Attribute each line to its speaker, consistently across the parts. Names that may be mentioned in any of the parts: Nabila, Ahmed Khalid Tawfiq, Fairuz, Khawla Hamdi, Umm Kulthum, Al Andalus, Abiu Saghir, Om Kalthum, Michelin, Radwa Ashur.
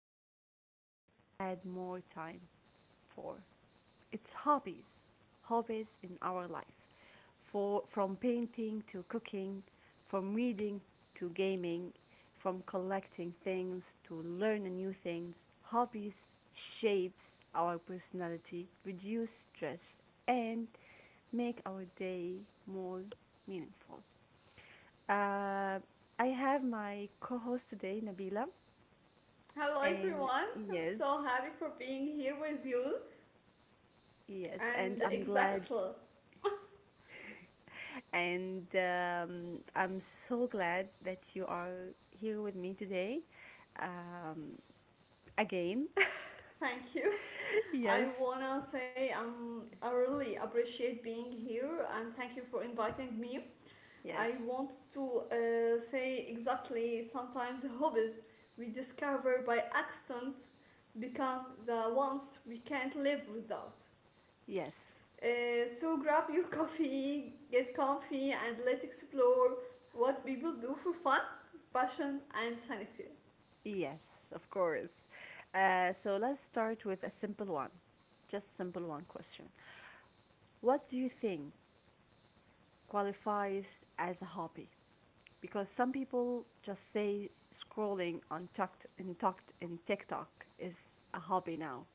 Speaker 1: we wish we had more time for its hobbies in our life, for from painting to cooking, from reading to gaming, from collecting things to learning new things. Hobbies shapes our personality, reduce stress, and make our day more meaningful. Uh, I have my co-host today, Nabila,
Speaker 2: Hello
Speaker 1: and
Speaker 2: everyone, I'm
Speaker 1: yes,
Speaker 2: so happy for being here with you
Speaker 1: yes, and I'm
Speaker 2: and
Speaker 1: glad,
Speaker 2: exactly
Speaker 1: and I'm so glad that you are here with me today. Um, Again.
Speaker 2: thank you. I
Speaker 1: Yes,
Speaker 2: wanna say I really appreciate being here and thank you for inviting me. I
Speaker 1: yes,
Speaker 2: want to say exactly sometimes hobbies we discover by accident become the ones we can't live without.
Speaker 1: yes,
Speaker 2: So grab your coffee, get comfy, and let's explore what people do for fun, passion, and sanity.
Speaker 1: yes, of course. So let's start with a simple one, just simple one question. What do you think qualifies as a hobby? Because some people just say scrolling on tucked and tucked in TikTok is a hobby now.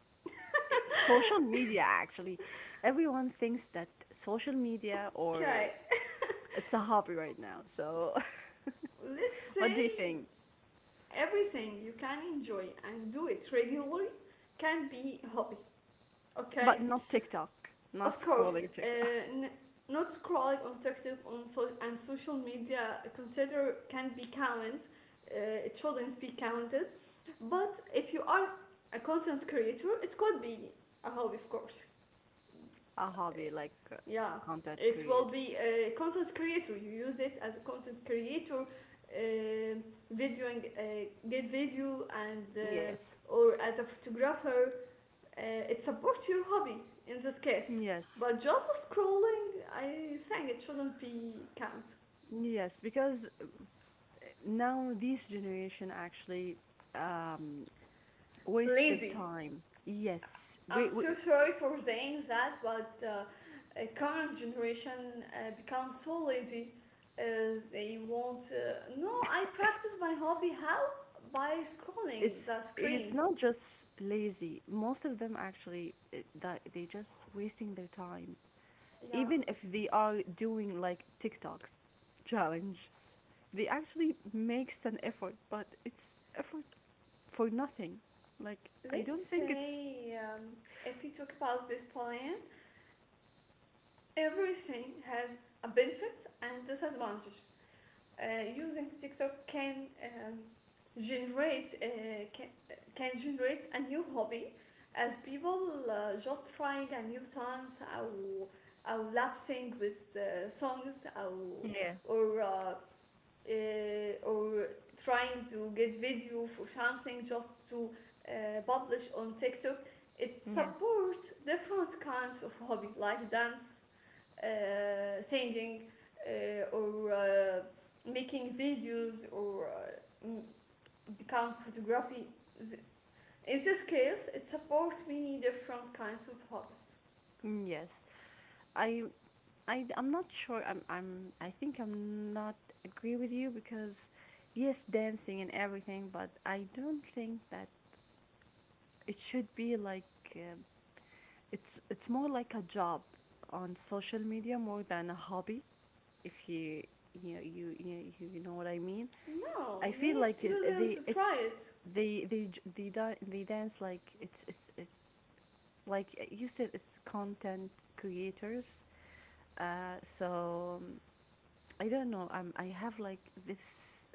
Speaker 1: Social media, actually, everyone thinks that social media or
Speaker 2: Okay,
Speaker 1: it's a hobby right now, so
Speaker 2: let's
Speaker 1: what do you
Speaker 2: say
Speaker 1: think?
Speaker 2: everything you can enjoy and do it regularly can be a hobby. Okay,
Speaker 1: But not TikTok, not
Speaker 2: of course,
Speaker 1: scrolling TikTok.
Speaker 2: not scrolling on TikTok on and social media consider can be counted. It shouldn't be counted, but if you are a content creator, it could be a hobby, of course.
Speaker 1: A hobby, like
Speaker 2: Yeah,
Speaker 1: content
Speaker 2: it will
Speaker 1: creator.
Speaker 2: be a content creator, you use it as a content creator, videoing, get video, and
Speaker 1: Yes,
Speaker 2: or as a photographer, it supports your hobby in this case.
Speaker 1: yes,
Speaker 2: But just scrolling, I think it shouldn't be count.
Speaker 1: yes, because now this generation actually um waste their
Speaker 2: Lazy.
Speaker 1: time. Yes,
Speaker 2: I'm
Speaker 1: we,
Speaker 2: so
Speaker 1: we
Speaker 2: sorry for saying that, but current generation become so lazy. They want. No, I practice my hobby how? By scrolling
Speaker 1: it's
Speaker 2: the
Speaker 1: it's
Speaker 2: screen.
Speaker 1: not just lazy, most of them actually, that they just wasting their time,
Speaker 2: Yeah.
Speaker 1: even if they are doing like TikToks challenges, they actually makes an effort, but it's effort for nothing. Like, I
Speaker 2: Let's
Speaker 1: don't think it's.
Speaker 2: say If we talk about this point, everything has a benefit and disadvantage. Using TikTok can generate can, can generate a new hobby, as people just trying a new dance أو أو lapsing with songs أو
Speaker 1: Yeah.
Speaker 2: or uh, or trying to get video for something just to publish on TikTok. It
Speaker 1: Yeah.
Speaker 2: support different kinds of hobby like dance, singing, or making videos, or become photography. In this case, it supports many different kinds of hobbies.
Speaker 1: Mm, yes, I, I'm not sure. I think I'm not agree with you, because yes, dancing and everything, but I don't think that it should be like, um, it's more like a job on social media more than a hobby. If you you know, you know what I mean. I
Speaker 2: Now,
Speaker 1: feel
Speaker 2: many
Speaker 1: like they
Speaker 2: students try
Speaker 1: it's
Speaker 2: it.
Speaker 1: they j- they dance, like, it's like you said, it's content creators. So I don't know. I have like this.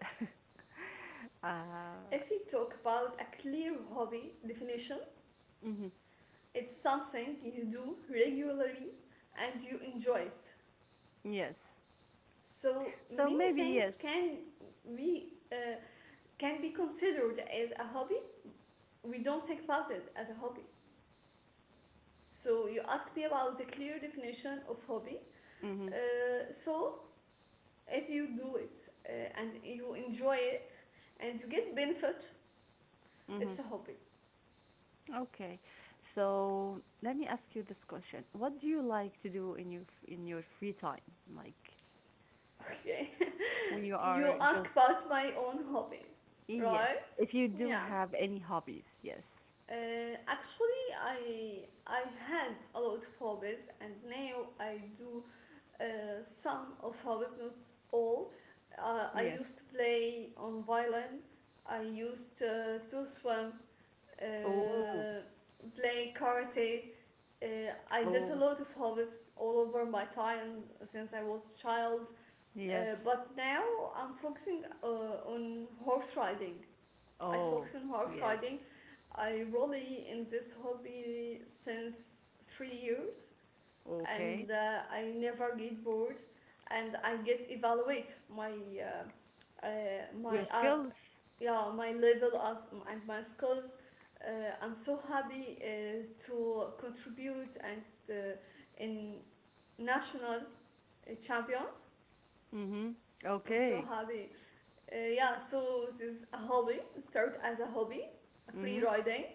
Speaker 1: uh,
Speaker 2: If we talk about a clear hobby definition,
Speaker 1: mhm,
Speaker 2: it's something you do regularly and you enjoy it.
Speaker 1: yes.
Speaker 2: So
Speaker 1: So
Speaker 2: many
Speaker 1: maybe
Speaker 2: things
Speaker 1: yes.
Speaker 2: be uh, can be considered as a hobby. We don't think about it as a hobby. So you asked me about the clear definition of hobby.
Speaker 1: Mhm.
Speaker 2: So if you do it uh, and you enjoy it and you get benefit,
Speaker 1: Mhm.
Speaker 2: it's a hobby.
Speaker 1: Okay. So let me ask you this question: what do you like to do in your in your free time, like
Speaker 2: Okay.
Speaker 1: when you
Speaker 2: You
Speaker 1: are
Speaker 2: ask
Speaker 1: just.
Speaker 2: about my own hobbies,
Speaker 1: Yes,
Speaker 2: right?
Speaker 1: if you do
Speaker 2: Yeah.
Speaker 1: have any hobbies, yes,
Speaker 2: Actually, I had a lot of hobbies, and now I do some of hobbies, not all. I
Speaker 1: yes.
Speaker 2: used to play on violin. I used to swim.
Speaker 1: Oh,
Speaker 2: Uh, playing karate. Uh, I did a
Speaker 1: oh,
Speaker 2: lot of hobbies all over my time since I was a child.
Speaker 1: yes.
Speaker 2: But now I'm focusing on horse riding. I focus
Speaker 1: Oh,
Speaker 2: on horse
Speaker 1: yes.
Speaker 2: riding. I really in this hobby since 3 years,
Speaker 1: Okay.
Speaker 2: and I never get bored. And I get evaluate my uh, my
Speaker 1: Your
Speaker 2: app,
Speaker 1: skills.
Speaker 2: yeah, my level up and my skills. Uh, I'm so happy to contribute and uh, in national champions.
Speaker 1: Mm-hmm.
Speaker 2: I'm so
Speaker 1: Okay.
Speaker 2: happy. Uh, yeah so this is a hobby, it started as a hobby, free
Speaker 1: Mm-hmm.
Speaker 2: riding,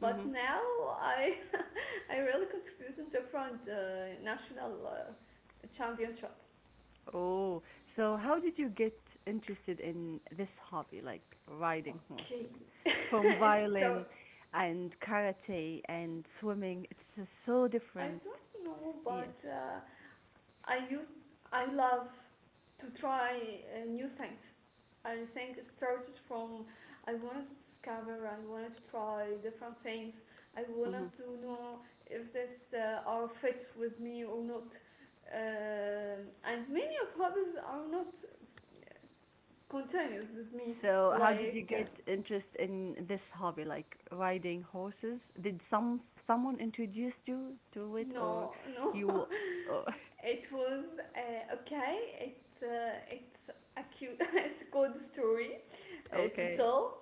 Speaker 2: but
Speaker 1: Mm-hmm.
Speaker 2: now I I really contribute in different national championship.
Speaker 1: Oh, so how did you get interested in this hobby, like riding
Speaker 2: Okay.
Speaker 1: horses? From
Speaker 2: It's so
Speaker 1: violin and karate and swimming, it's so
Speaker 2: I
Speaker 1: different.
Speaker 2: don't know, but
Speaker 1: Yes.
Speaker 2: I used, I love to try new things. I think it started from I wanted to discover, I wanted to try different things. I wanted to know if this are fit with me or not. And many of hobbies are not continuous with me,
Speaker 1: So, how did you
Speaker 2: like.
Speaker 1: get interest in this hobby, like riding horses? Did someone introduced you to it, or
Speaker 2: No, no.
Speaker 1: you? Oh,
Speaker 2: It was it's a cute, it's a good story to
Speaker 1: okay.
Speaker 2: tell.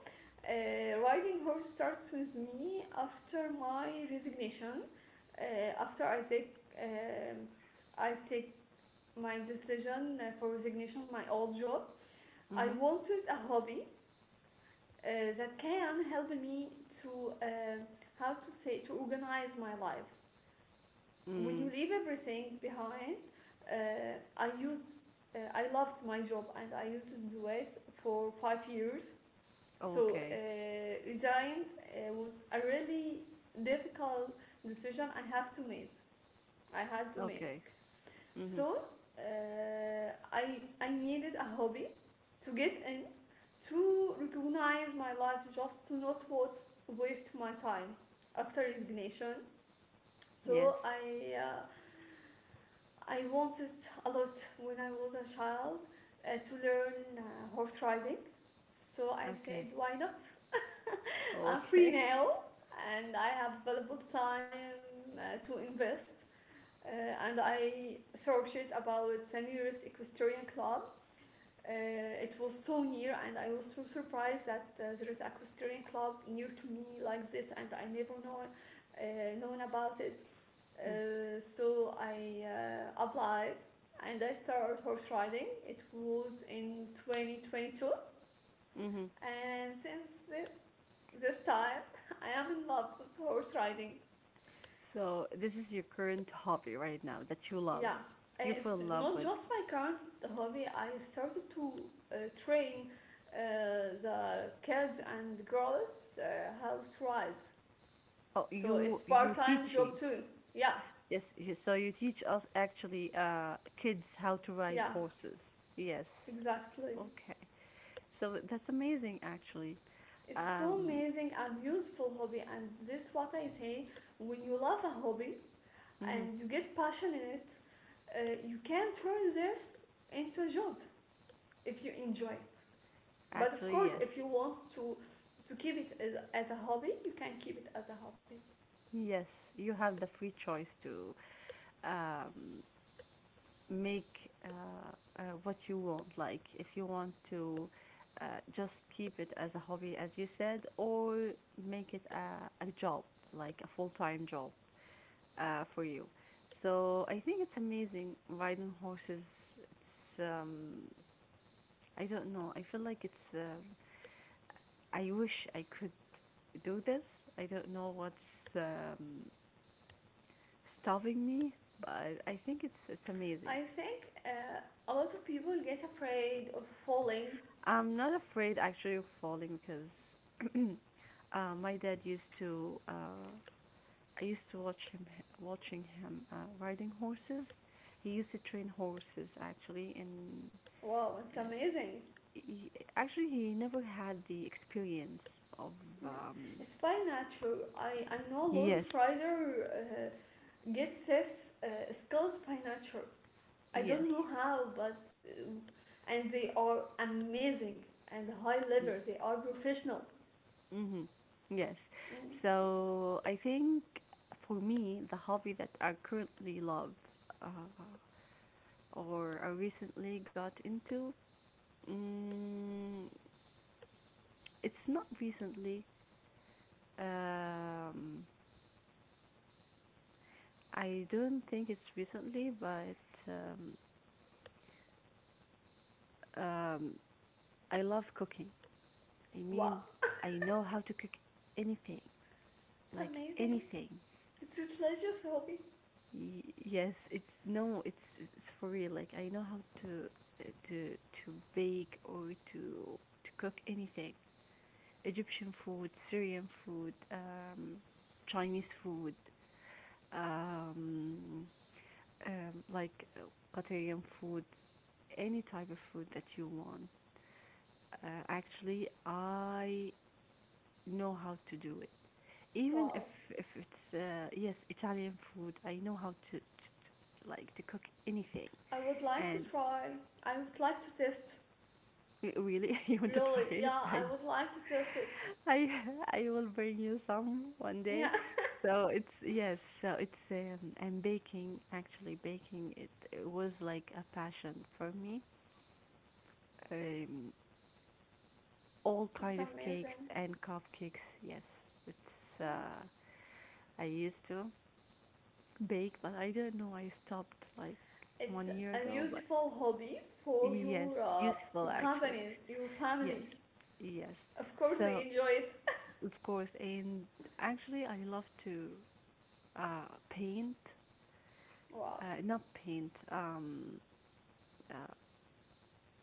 Speaker 2: Riding horse starts with me after my resignation. After um I take my decision for resignation my old job. I
Speaker 1: Mhm.
Speaker 2: wanted a hobby uh, that can help me to how to say, to organize my life when you
Speaker 1: Mm.
Speaker 2: leave everything behind. uh, I used, I loved my job and I used to do it for 5 years. So
Speaker 1: Okay.
Speaker 2: uh, resigned was a really difficult decision I have to make. I had to make.
Speaker 1: Okay. Mhm.
Speaker 2: So I needed a hobby to get in, to recognize my life, just to not waste my time after resignation.
Speaker 1: Yes.
Speaker 2: So I wanted a lot when I was a child to learn horse riding. So I
Speaker 1: Okay.
Speaker 2: said, why not? I'm free
Speaker 1: Okay.
Speaker 2: now and I have available time to invest. Uh, and I searched about the nearest equestrian club. Uh, it was so near, and I was so surprised that there is an equestrian club near to me like this, and I never know known about it. So I applied and I started horse riding. It was in 2022,
Speaker 1: Mhm.
Speaker 2: and since this time, I am in love with horse riding.
Speaker 1: So, this is your current hobby right now that you love.
Speaker 2: Yeah,
Speaker 1: You fell
Speaker 2: it's
Speaker 1: in love
Speaker 2: not
Speaker 1: with.
Speaker 2: just my current hobby. I started to train the kids and girls how to ride.
Speaker 1: Oh,
Speaker 2: So
Speaker 1: you
Speaker 2: it's
Speaker 1: you
Speaker 2: part-time job
Speaker 1: teaching.
Speaker 2: too. Yeah,
Speaker 1: Yes. So you teach us actually kids how to ride
Speaker 2: yeah,
Speaker 1: horses. Yes.
Speaker 2: exactly.
Speaker 1: Okay. So that's amazing, actually.
Speaker 2: It's so
Speaker 1: Um,
Speaker 2: amazing and useful hobby, and this is what I say. When you love a hobby
Speaker 1: mhm.
Speaker 2: and you get passionate in it, you can turn this into a job if you enjoy it. But of
Speaker 1: Actually,
Speaker 2: course, if
Speaker 1: yes.
Speaker 2: you want to to keep it as, as a hobby, you can keep it as a hobby.
Speaker 1: Yes, you have the free choice to um, make what you want. Like, if you want to just keep it as a hobby, as you said, or make it a job, like a full time job for you. So I think it's amazing riding horses. It's I don't know. I feel like it's I wish I could do this. I don't know what's stopping me, but I think it's amazing.
Speaker 2: I think a lot of people get afraid of falling.
Speaker 1: I'm not afraid actually of falling because my dad used to I used to watch him watching him riding horses. He used to train horses actually, and
Speaker 2: Wow, it's amazing.
Speaker 1: actually he never had the experience of.
Speaker 2: Yeah,
Speaker 1: um,
Speaker 2: it's by nature. I know a lot
Speaker 1: yes,
Speaker 2: of riders get this skills by nature. I don't
Speaker 1: yes.
Speaker 2: know how, but um, and they are amazing and high level. They are professional.
Speaker 1: Mm-hmm. Yes.
Speaker 2: Mm,
Speaker 1: So I think, for me, the hobby that I currently love, uh, or I recently got into, mm, it's not recently. Um, I don't think it's recently, but um, I love cooking. I
Speaker 2: wow,
Speaker 1: mean, I know how to cook anything,
Speaker 2: it's
Speaker 1: like
Speaker 2: amazing.
Speaker 1: anything.
Speaker 2: It's a delicious hobby.
Speaker 1: Yes, it's no, it's for real. Like, I know how to to bake or to cook anything. Egyptian food, Syrian food, Chinese food, um, like, Qatarian food, any type of food that you want. Actually, I know how to do it. Even
Speaker 2: Wow,
Speaker 1: if it's yes, Italian food, I know how to, like, to cook anything.
Speaker 2: I would like to
Speaker 1: And
Speaker 2: try. I would like to test.
Speaker 1: really, you want to
Speaker 2: Really,
Speaker 1: try
Speaker 2: yeah,
Speaker 1: it?
Speaker 2: I would like to test it.
Speaker 1: I, I will bring you some one day.
Speaker 2: Yeah,
Speaker 1: So it's yes, so it's and baking, actually, baking, it was like a passion for me. Um, all
Speaker 2: it's
Speaker 1: kind of cakes
Speaker 2: amazing.
Speaker 1: and cupcakes. Yes, it's
Speaker 2: Yeah,
Speaker 1: I used to bake, but I don't know. I stopped like one
Speaker 2: it's
Speaker 1: year
Speaker 2: a
Speaker 1: ago, but
Speaker 2: useful hobby for
Speaker 1: yes, useful
Speaker 2: your
Speaker 1: actually.
Speaker 2: companies, your
Speaker 1: Yes,
Speaker 2: family.
Speaker 1: yes.
Speaker 2: Of course, they
Speaker 1: So.
Speaker 2: enjoy it.
Speaker 1: Of course, and actually, I love to paint.
Speaker 2: Wow,
Speaker 1: Not paint. Uh,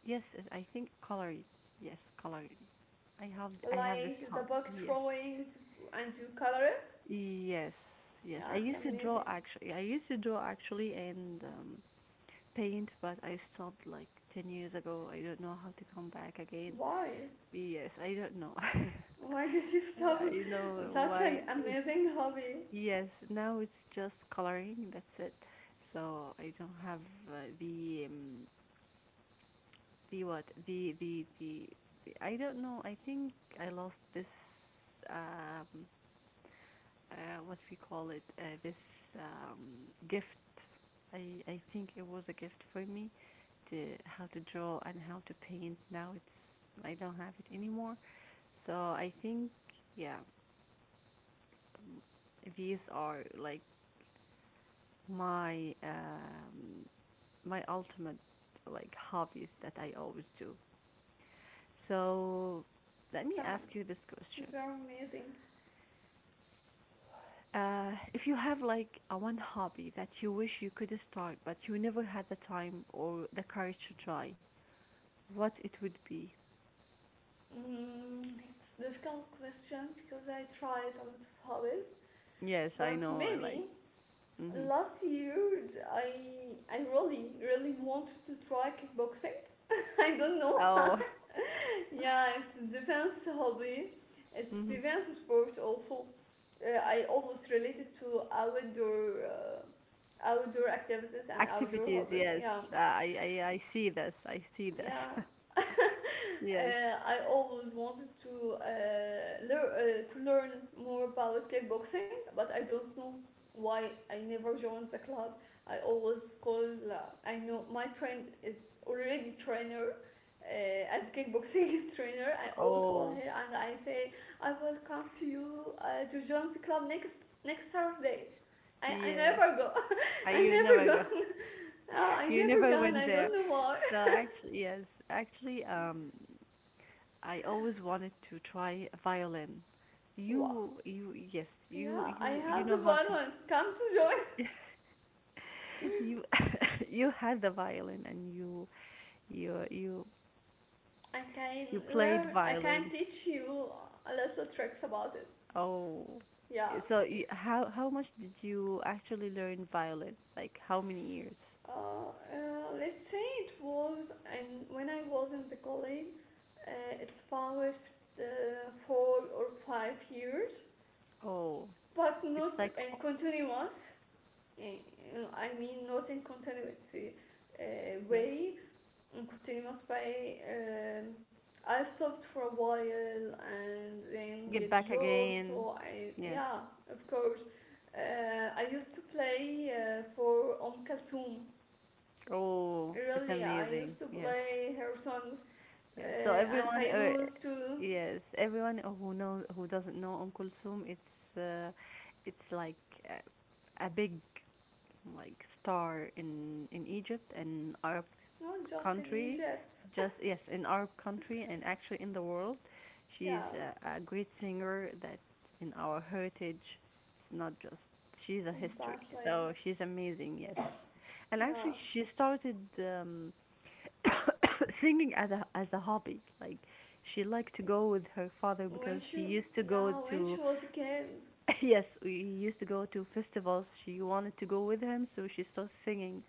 Speaker 1: yes, yes, I think coloring. Yes, coloring. I have this
Speaker 2: like the
Speaker 1: hub.
Speaker 2: book
Speaker 1: Yes,
Speaker 2: drawings and you color it.
Speaker 1: yes, yes. I
Speaker 2: Yeah, it's
Speaker 1: used to draw
Speaker 2: amazing.
Speaker 1: actually. And paint, but I stopped like 10 years ago. I don't know how to come back again.
Speaker 2: Why?
Speaker 1: Yes, I don't know.
Speaker 2: Why did you stop
Speaker 1: I know
Speaker 2: such
Speaker 1: why.
Speaker 2: an
Speaker 1: Yes.
Speaker 2: amazing hobby?
Speaker 1: Yes, now it's just coloring. That's it. So I don't have uh, the um, the what the I don't know. I think I lost this um, what we call it, this gift. I think it was a gift for me, to how to draw and how to paint. Now it's. I don't have it anymore. So I think, yeah, these are like my um, my ultimate, like, hobbies that I always do. So let me
Speaker 2: Some
Speaker 1: ask you this question.
Speaker 2: these are amazing.
Speaker 1: If you have like a one hobby that you wish you could start but you never had the time or the courage to try, what it would be?
Speaker 2: Mm, it's a difficult question because I tried a lot of hobbies,
Speaker 1: Yes, I
Speaker 2: but
Speaker 1: know. Like,
Speaker 2: maybe
Speaker 1: hmm,
Speaker 2: last year I really really wanted to try kickboxing. I don't know.
Speaker 1: oh,
Speaker 2: Yeah, it's a defense hobby. It's
Speaker 1: mhm.
Speaker 2: defense sport also. I always related to outdoor outdoor activities and outdoor
Speaker 1: Activities.
Speaker 2: hobby. Yeah,
Speaker 1: Yes, I see this. I see this.
Speaker 2: yeah.
Speaker 1: Yes.
Speaker 2: I always wanted to learn to learn more about kickboxing, but I don't know why I never joined the club. I always call. Uh, I know my friend is already trainer. As a kickboxing trainer, I always call
Speaker 1: Oh,
Speaker 2: her and I say, "I will come to you to join the club next Saturday." I
Speaker 1: yes.
Speaker 2: never go. I
Speaker 1: You
Speaker 2: never
Speaker 1: never
Speaker 2: go.
Speaker 1: go.
Speaker 2: I
Speaker 1: You
Speaker 2: never
Speaker 1: never
Speaker 2: go, and
Speaker 1: went
Speaker 2: I don't
Speaker 1: there.
Speaker 2: know why.
Speaker 1: So actually, yes, actually, I always wanted to try a violin.
Speaker 2: Wow.
Speaker 1: Yes,
Speaker 2: Yeah, I
Speaker 1: you
Speaker 2: have
Speaker 1: know
Speaker 2: the
Speaker 1: how to.
Speaker 2: button. Come to join.
Speaker 1: You, you had the violin, and you, you,
Speaker 2: I can
Speaker 1: you played
Speaker 2: learn. I can
Speaker 1: violin.
Speaker 2: teach you a little tricks about it.
Speaker 1: Oh,
Speaker 2: Yeah.
Speaker 1: so how much did you actually learn violin? Like, how many years?
Speaker 2: Let's say it was, and when I was in the college, it's about uh, 4 or 5 years,
Speaker 1: Oh,
Speaker 2: but
Speaker 1: it's
Speaker 2: not
Speaker 1: like,
Speaker 2: in
Speaker 1: oh,
Speaker 2: continuous. Eh, I mean not in continuous
Speaker 1: yes,
Speaker 2: way, in continuous way. I stopped for a while and then
Speaker 1: get
Speaker 2: get
Speaker 1: back
Speaker 2: job.
Speaker 1: again.
Speaker 2: So I
Speaker 1: Yes.
Speaker 2: yeah, of course. I used to play for Om Kalthum.
Speaker 1: Oh, it's
Speaker 2: Really, I
Speaker 1: amazing.
Speaker 2: used to
Speaker 1: Yes.
Speaker 2: play her songs uh,
Speaker 1: Yes. So,
Speaker 2: and
Speaker 1: everyone,
Speaker 2: Fairuz too.
Speaker 1: yes, everyone who knows, who doesn't know Kulthum, it's like a, a big, like, star in Egypt and Arab
Speaker 2: It's not just in
Speaker 1: country.
Speaker 2: Egypt.
Speaker 1: Just, yes, in Arab country, and actually in the world, she's
Speaker 2: Yeah,
Speaker 1: a great singer that in our heritage. It's not just she's a history,
Speaker 2: exactly.
Speaker 1: so she's amazing. Yes, and actually
Speaker 2: Yeah,
Speaker 1: she started. Singing as as a hobby, like she liked to go with her father
Speaker 2: when
Speaker 1: because he
Speaker 2: she
Speaker 1: used to go
Speaker 2: yeah, when she
Speaker 1: to
Speaker 2: was a kid.
Speaker 1: yes, he used to go to festivals. She wanted to go with him, so she started singing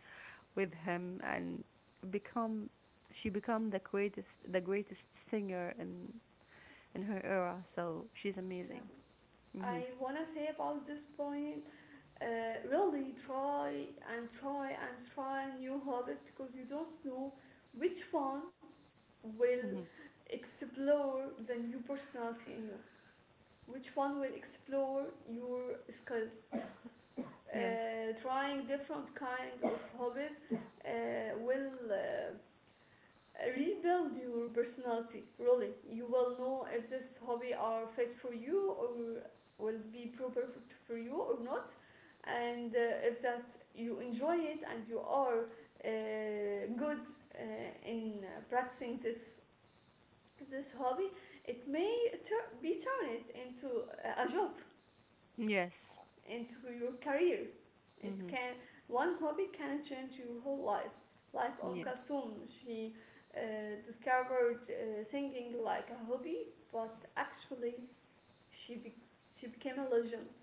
Speaker 1: with him, and become she became the greatest singer in her era, so she's
Speaker 2: Yeah.
Speaker 1: amazing.
Speaker 2: I
Speaker 1: Hmm.
Speaker 2: wanna say about this point, uh, really try and try new hobbies because you don't know which one will
Speaker 1: Hmm.
Speaker 2: explore the new personality in you, which one will explore your skills.
Speaker 1: Yes,
Speaker 2: Trying different kind of hobbies will rebuild your personality. Really you will know if this hobby are fit for you or will be proper for you or not. And if that you enjoy it and you are uh, good uh, in uh, practicing this hobby, it may be turned into a job,
Speaker 1: yes.
Speaker 2: into your career. It
Speaker 1: Hmm.
Speaker 2: can one hobby can change your whole life. Like Om
Speaker 1: Yes.
Speaker 2: Kalsum, she discovered singing like a hobby, but actually she be- she became a legend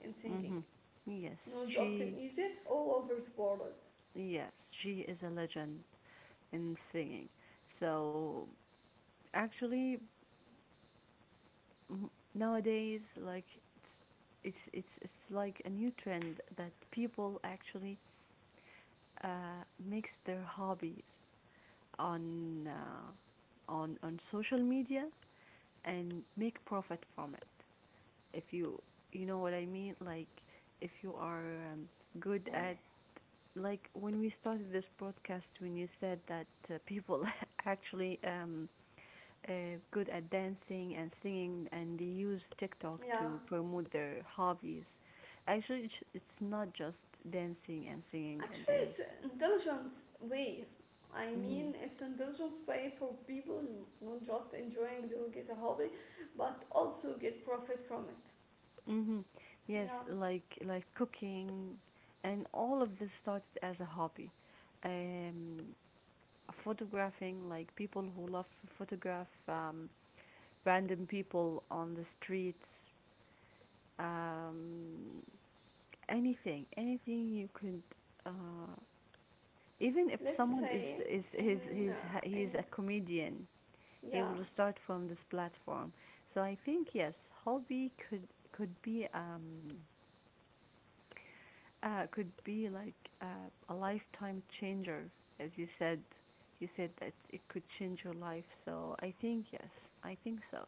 Speaker 2: in singing.
Speaker 1: Hmm. yes
Speaker 2: Not just in
Speaker 1: she
Speaker 2: Egypt, all over the world.
Speaker 1: yes, she is a legend in singing. So actually, nowadays, like it's it's like a new trend that people actually mix their hobbies on on social media and make profit from it. If you, you know what I mean, like if you are um, good at, like, when we started this broadcast, when you said that people actually good at dancing and singing, and they use TikTok
Speaker 2: Yeah,
Speaker 1: to promote their hobbies. Actually, it's not just dancing and singing. And
Speaker 2: actually, it's
Speaker 1: there's.
Speaker 2: an intelligent way. I
Speaker 1: Mm,
Speaker 2: mean, it's an intelligent way for people not just enjoying doing it as a hobby, but also get profit from it.
Speaker 1: hmm, yes,
Speaker 2: Yeah.
Speaker 1: like cooking, and all of this started as a hobby. Um, Photographing, like people who love to photograph random people on the streets. Um, Anything, anything you could, uh, even if
Speaker 2: Let's
Speaker 1: someone
Speaker 2: say
Speaker 1: is
Speaker 2: in uh,
Speaker 1: he's a
Speaker 2: in
Speaker 1: comedian, he will
Speaker 2: yeah,
Speaker 1: start from this platform. So I think, yes, hobby could be, like, a lifetime changer, as you said. You said that it could change your life. So I think yes, I think so.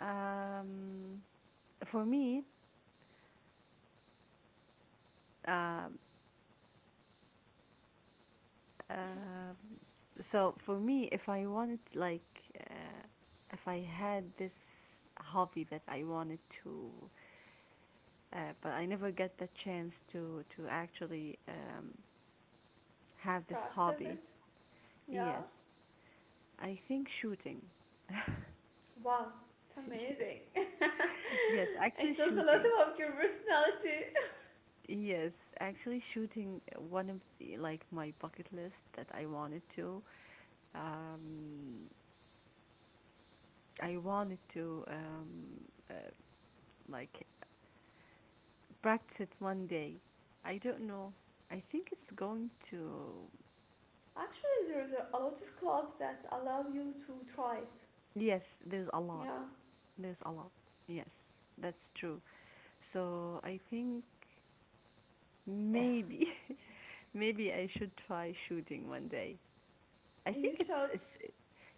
Speaker 1: Um, for me, um, uh, so for me, if I wanted, like, uh, if I had this hobby that I wanted to, but I never get the chance to actually have this
Speaker 2: practice
Speaker 1: hobby.
Speaker 2: it, yeah.
Speaker 1: Yes, I think shooting.
Speaker 2: Wow, it's amazing.
Speaker 1: Yes, actually
Speaker 2: It tells a lot
Speaker 1: shooting.
Speaker 2: about your personality.
Speaker 1: One of the, like, my bucket list that I wanted to, um, i wanted to um, uh, like, practice it one day. I don't know. I think it's going to.
Speaker 2: Actually there is a lot of clubs that allow you to try it.
Speaker 1: Yes, there's a lot.
Speaker 2: Yeah,
Speaker 1: There's a lot. Yes, that's true. So I think maybe, maybe I should try shooting one day. I
Speaker 2: you
Speaker 1: think
Speaker 2: should.
Speaker 1: it's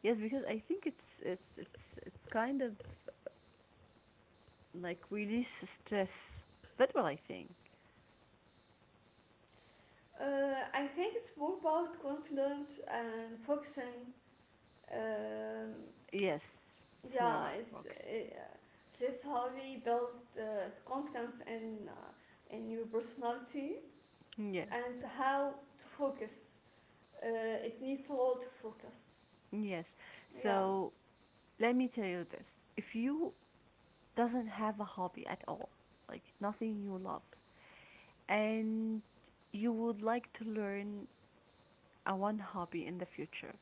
Speaker 1: yes, because I think it's kind of, like, release stress. That's what I think.
Speaker 2: I think it's more about confidence and focusing. um,
Speaker 1: Yes, it's more
Speaker 2: yeah
Speaker 1: about
Speaker 2: it's
Speaker 1: focus.
Speaker 2: this hobby builds confidence in your personality
Speaker 1: Yes,
Speaker 2: and how to focus. It needs a lot of focus.
Speaker 1: yes.
Speaker 2: Yeah.
Speaker 1: So let me tell you this: if you doesn't have a hobby at all, like nothing you love, and you would like to learn a one hobby in the future,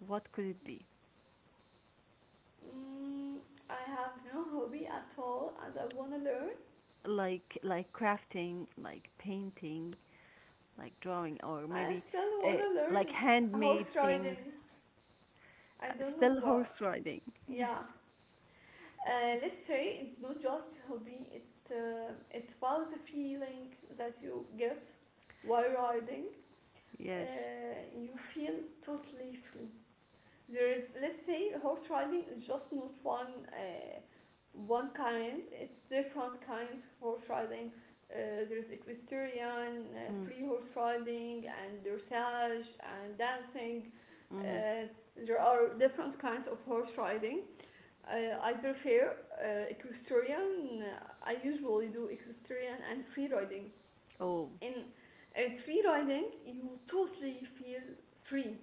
Speaker 1: what could it be?
Speaker 2: Mm, I have no hobby at all and I want to learn.
Speaker 1: Like crafting, like painting, like drawing, or
Speaker 2: I
Speaker 1: maybe
Speaker 2: still want to learn
Speaker 1: like handmade
Speaker 2: horse
Speaker 1: things.
Speaker 2: riding. I don't know
Speaker 1: Still
Speaker 2: what.
Speaker 1: horse riding.
Speaker 2: Yeah.
Speaker 1: Yes. St-
Speaker 2: Let's say it's not just a hobby. It's about the feeling that you get while riding. Uh,
Speaker 1: Yes.
Speaker 2: you feel totally free. There is, let's say, horse riding is just not one kind, it's different kinds of horse riding. There's equestrian,
Speaker 1: Mm,
Speaker 2: free horse riding, and dressage, and dancing.
Speaker 1: mm-hmm.
Speaker 2: uh, there are different kinds of horse riding. I prefer, equestrian. I usually do equestrian and free riding.
Speaker 1: Oh.
Speaker 2: In free riding you totally feel free.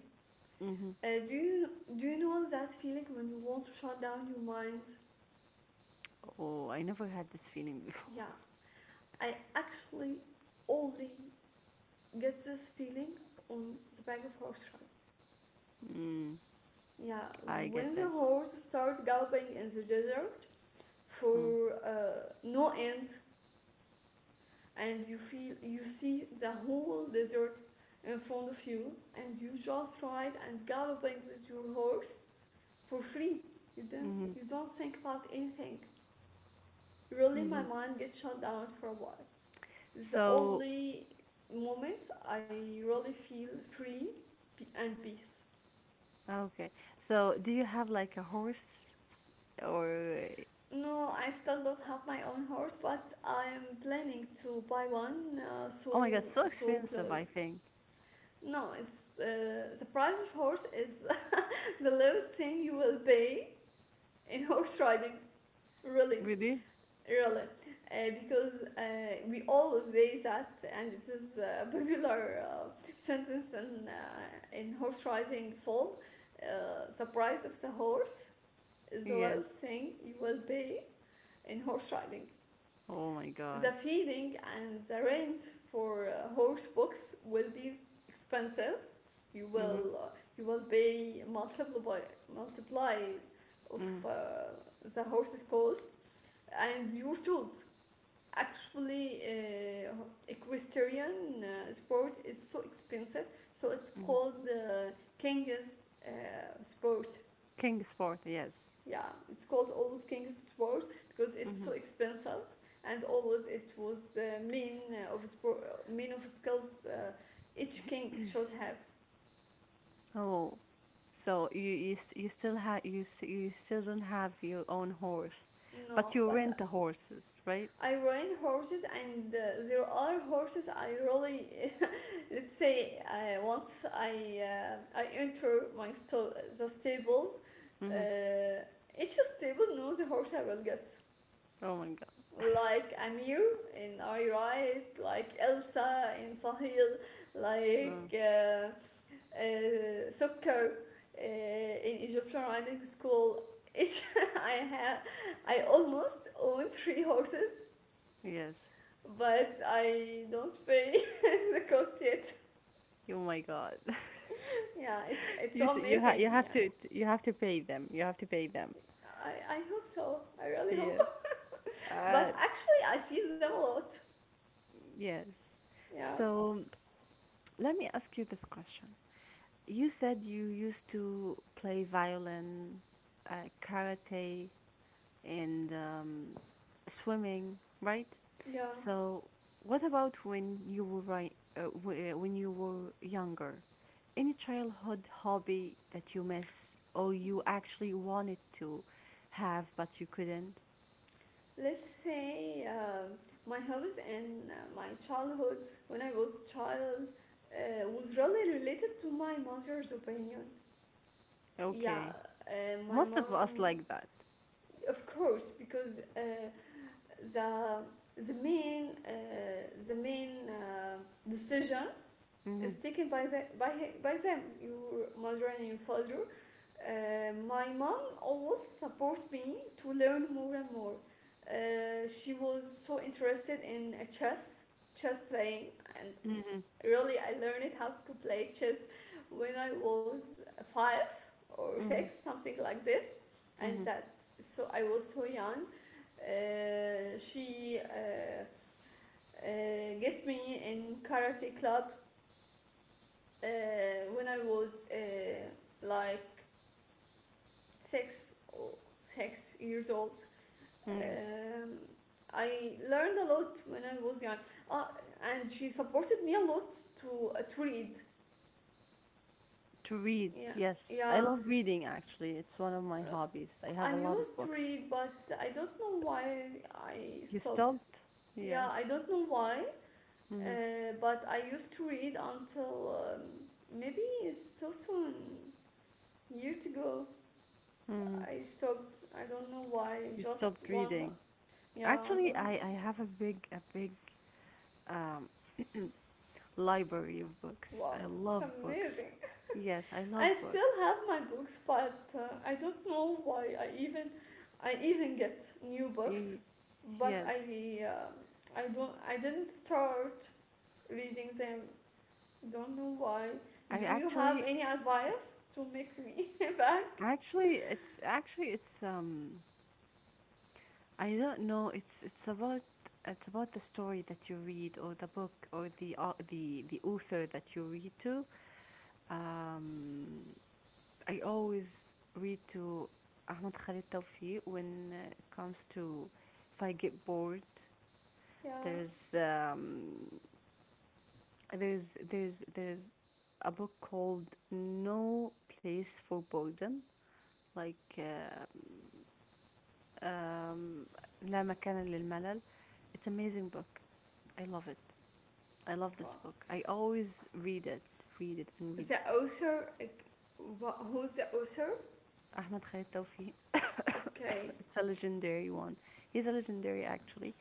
Speaker 1: Mm-hmm.
Speaker 2: Do you know that feeling when you want to shut down your mind?
Speaker 1: Oh, I never had this feeling before.
Speaker 2: Yeah, I actually only get this feeling on the back of horse ride.
Speaker 1: Mm,
Speaker 2: Yeah,
Speaker 1: I get
Speaker 2: when the
Speaker 1: this.
Speaker 2: horse start galloping in the desert
Speaker 1: Mm,
Speaker 2: for, no end, and you feel you see the whole desert in front of you, and you just ride and galloping with your horse for free. You don't
Speaker 1: mm-hmm.
Speaker 2: you don't think about anything. Really,
Speaker 1: Mm-hmm.
Speaker 2: my mind gets shut down for a while. The
Speaker 1: So,
Speaker 2: only moment I really feel free and peace.
Speaker 1: okay. So, do you have like a horse or
Speaker 2: No, I still don't have my own horse, but I am planning to buy one,
Speaker 1: oh my
Speaker 2: so
Speaker 1: God, so
Speaker 2: so
Speaker 1: expensive, I
Speaker 2: close.
Speaker 1: think.
Speaker 2: No, it's, the price of horse is the lowest thing you will pay in horse riding. Really,
Speaker 1: Really?
Speaker 2: really, because, we always say that, and it is a popular, sentence in horse riding fall. The price of the horse is the lowest
Speaker 1: Yes.
Speaker 2: thing you will pay in horse riding.
Speaker 1: Oh my
Speaker 2: The
Speaker 1: God.
Speaker 2: feeding and the rent for, horse books will be expensive. you
Speaker 1: Mm-hmm.
Speaker 2: will uh, you will pay multiple by multiplies of,
Speaker 1: Mm-hmm.
Speaker 2: the horse's cost and your tools. Actually, equestrian, sport is so expensive, so it's
Speaker 1: Mm-hmm.
Speaker 2: called, king's, sport.
Speaker 1: King sport, yes.
Speaker 2: Yeah, it's called always king's sport because it's
Speaker 1: Mm-hmm.
Speaker 2: so expensive, and always it was, mean of sport, mean of skills, each king should have.
Speaker 1: Oh, so you, s- you still have you s- you still don't have your own horse,
Speaker 2: No,
Speaker 1: but you
Speaker 2: but
Speaker 1: rent the horses, right?
Speaker 2: I ride horses, and, there are horses I really, let's say, once I enter my the stables,
Speaker 1: Mm-hmm.
Speaker 2: uh, each stable knows the horse I will get.
Speaker 1: Oh my God.
Speaker 2: Like Amir in I Ride, like Elsa in Sahil,
Speaker 1: Oh,
Speaker 2: like, Sukkur, in Egyptian riding school. Each I have, I almost own three horses,
Speaker 1: yes.
Speaker 2: but I don't pay the cost yet.
Speaker 1: Oh my God.
Speaker 2: Yeah, it's
Speaker 1: You s-
Speaker 2: so
Speaker 1: you ha
Speaker 2: amazing. Yeah,
Speaker 1: you have to pay them. You have to pay them.
Speaker 2: I hope so. I really hope.
Speaker 1: Yes. Uh,
Speaker 2: But actually, I feel them a lot.
Speaker 1: Yes.
Speaker 2: Yeah,
Speaker 1: So let me ask you this question. You said you used to play violin, karate, and swimming, right?
Speaker 2: yeah.
Speaker 1: So what about when you were right, w- when you were younger? Any childhood hobby that you miss or you actually wanted to have but you couldn't?
Speaker 2: Let's say, my hobbies and, my childhood when I was child, was really related to my mother's opinion. Yeah,
Speaker 1: Okay.
Speaker 2: my
Speaker 1: Most of us
Speaker 2: mom,
Speaker 1: like that.
Speaker 2: of course, because, the the main, decision
Speaker 1: Mm-hmm.
Speaker 2: is taken by them, your mother and your father. My mom always support me to learn more and more. She was so interested in, chess playing, and
Speaker 1: Mm-hmm.
Speaker 2: really I learned how to play chess when I was five or
Speaker 1: Mm-hmm.
Speaker 2: six, something like this, and
Speaker 1: Mm-hmm.
Speaker 2: that. So I was so young. She, get me in karate club, uh, when I was, like 6 or 6 years old.
Speaker 1: Yes.
Speaker 2: Um, I learned a lot when I was young, uh, and she supported me a lot to read.
Speaker 1: To read,
Speaker 2: Yeah,
Speaker 1: yes. I
Speaker 2: yeah.
Speaker 1: love reading actually. It's one of my
Speaker 2: Uh,
Speaker 1: hobbies. I have
Speaker 2: I
Speaker 1: a lot of
Speaker 2: used to
Speaker 1: books.
Speaker 2: read, but I don't know why I
Speaker 1: You
Speaker 2: stopped.
Speaker 1: stopped?
Speaker 2: Yeah, I
Speaker 1: Yes.
Speaker 2: don't know why,
Speaker 1: Hmm.
Speaker 2: but I used to read until, maybe so soon, years ago.
Speaker 1: Hmm.
Speaker 2: I stopped. I don't know why.
Speaker 1: You
Speaker 2: Just
Speaker 1: stopped
Speaker 2: one time.
Speaker 1: reading.
Speaker 2: Yeah, I
Speaker 1: Actually,
Speaker 2: don't
Speaker 1: I,
Speaker 2: know.
Speaker 1: I have a big um library of books. I
Speaker 2: Wow, it's
Speaker 1: love books.
Speaker 2: amazing.
Speaker 1: Yes, I love
Speaker 2: I
Speaker 1: books.
Speaker 2: still have my books, but, I don't know why. I even get new books,
Speaker 1: Y-
Speaker 2: but
Speaker 1: Yes.
Speaker 2: I don't. I didn't start reading them. Don't know why.
Speaker 1: I
Speaker 2: Do you have
Speaker 1: actually
Speaker 2: any advice to make me back?
Speaker 1: actually it's I don't know. It's about it's about the story that you read or the book or the au- the author that you read to. Um, I always read to Ahmed Khalid Tawfiq when it comes to if I get bored.
Speaker 2: Yeah.
Speaker 1: There's um, there's a book called No Place for Boredom, like um, لا مكان للملل. It's amazing book. I love it. I love this
Speaker 2: Wow.
Speaker 1: book. I always read it, and read.
Speaker 2: The author. Like, who's the author?
Speaker 1: Ahmed Khalid Tawfiq.
Speaker 2: Okay.
Speaker 1: It's a legendary one. He's a legendary, actually.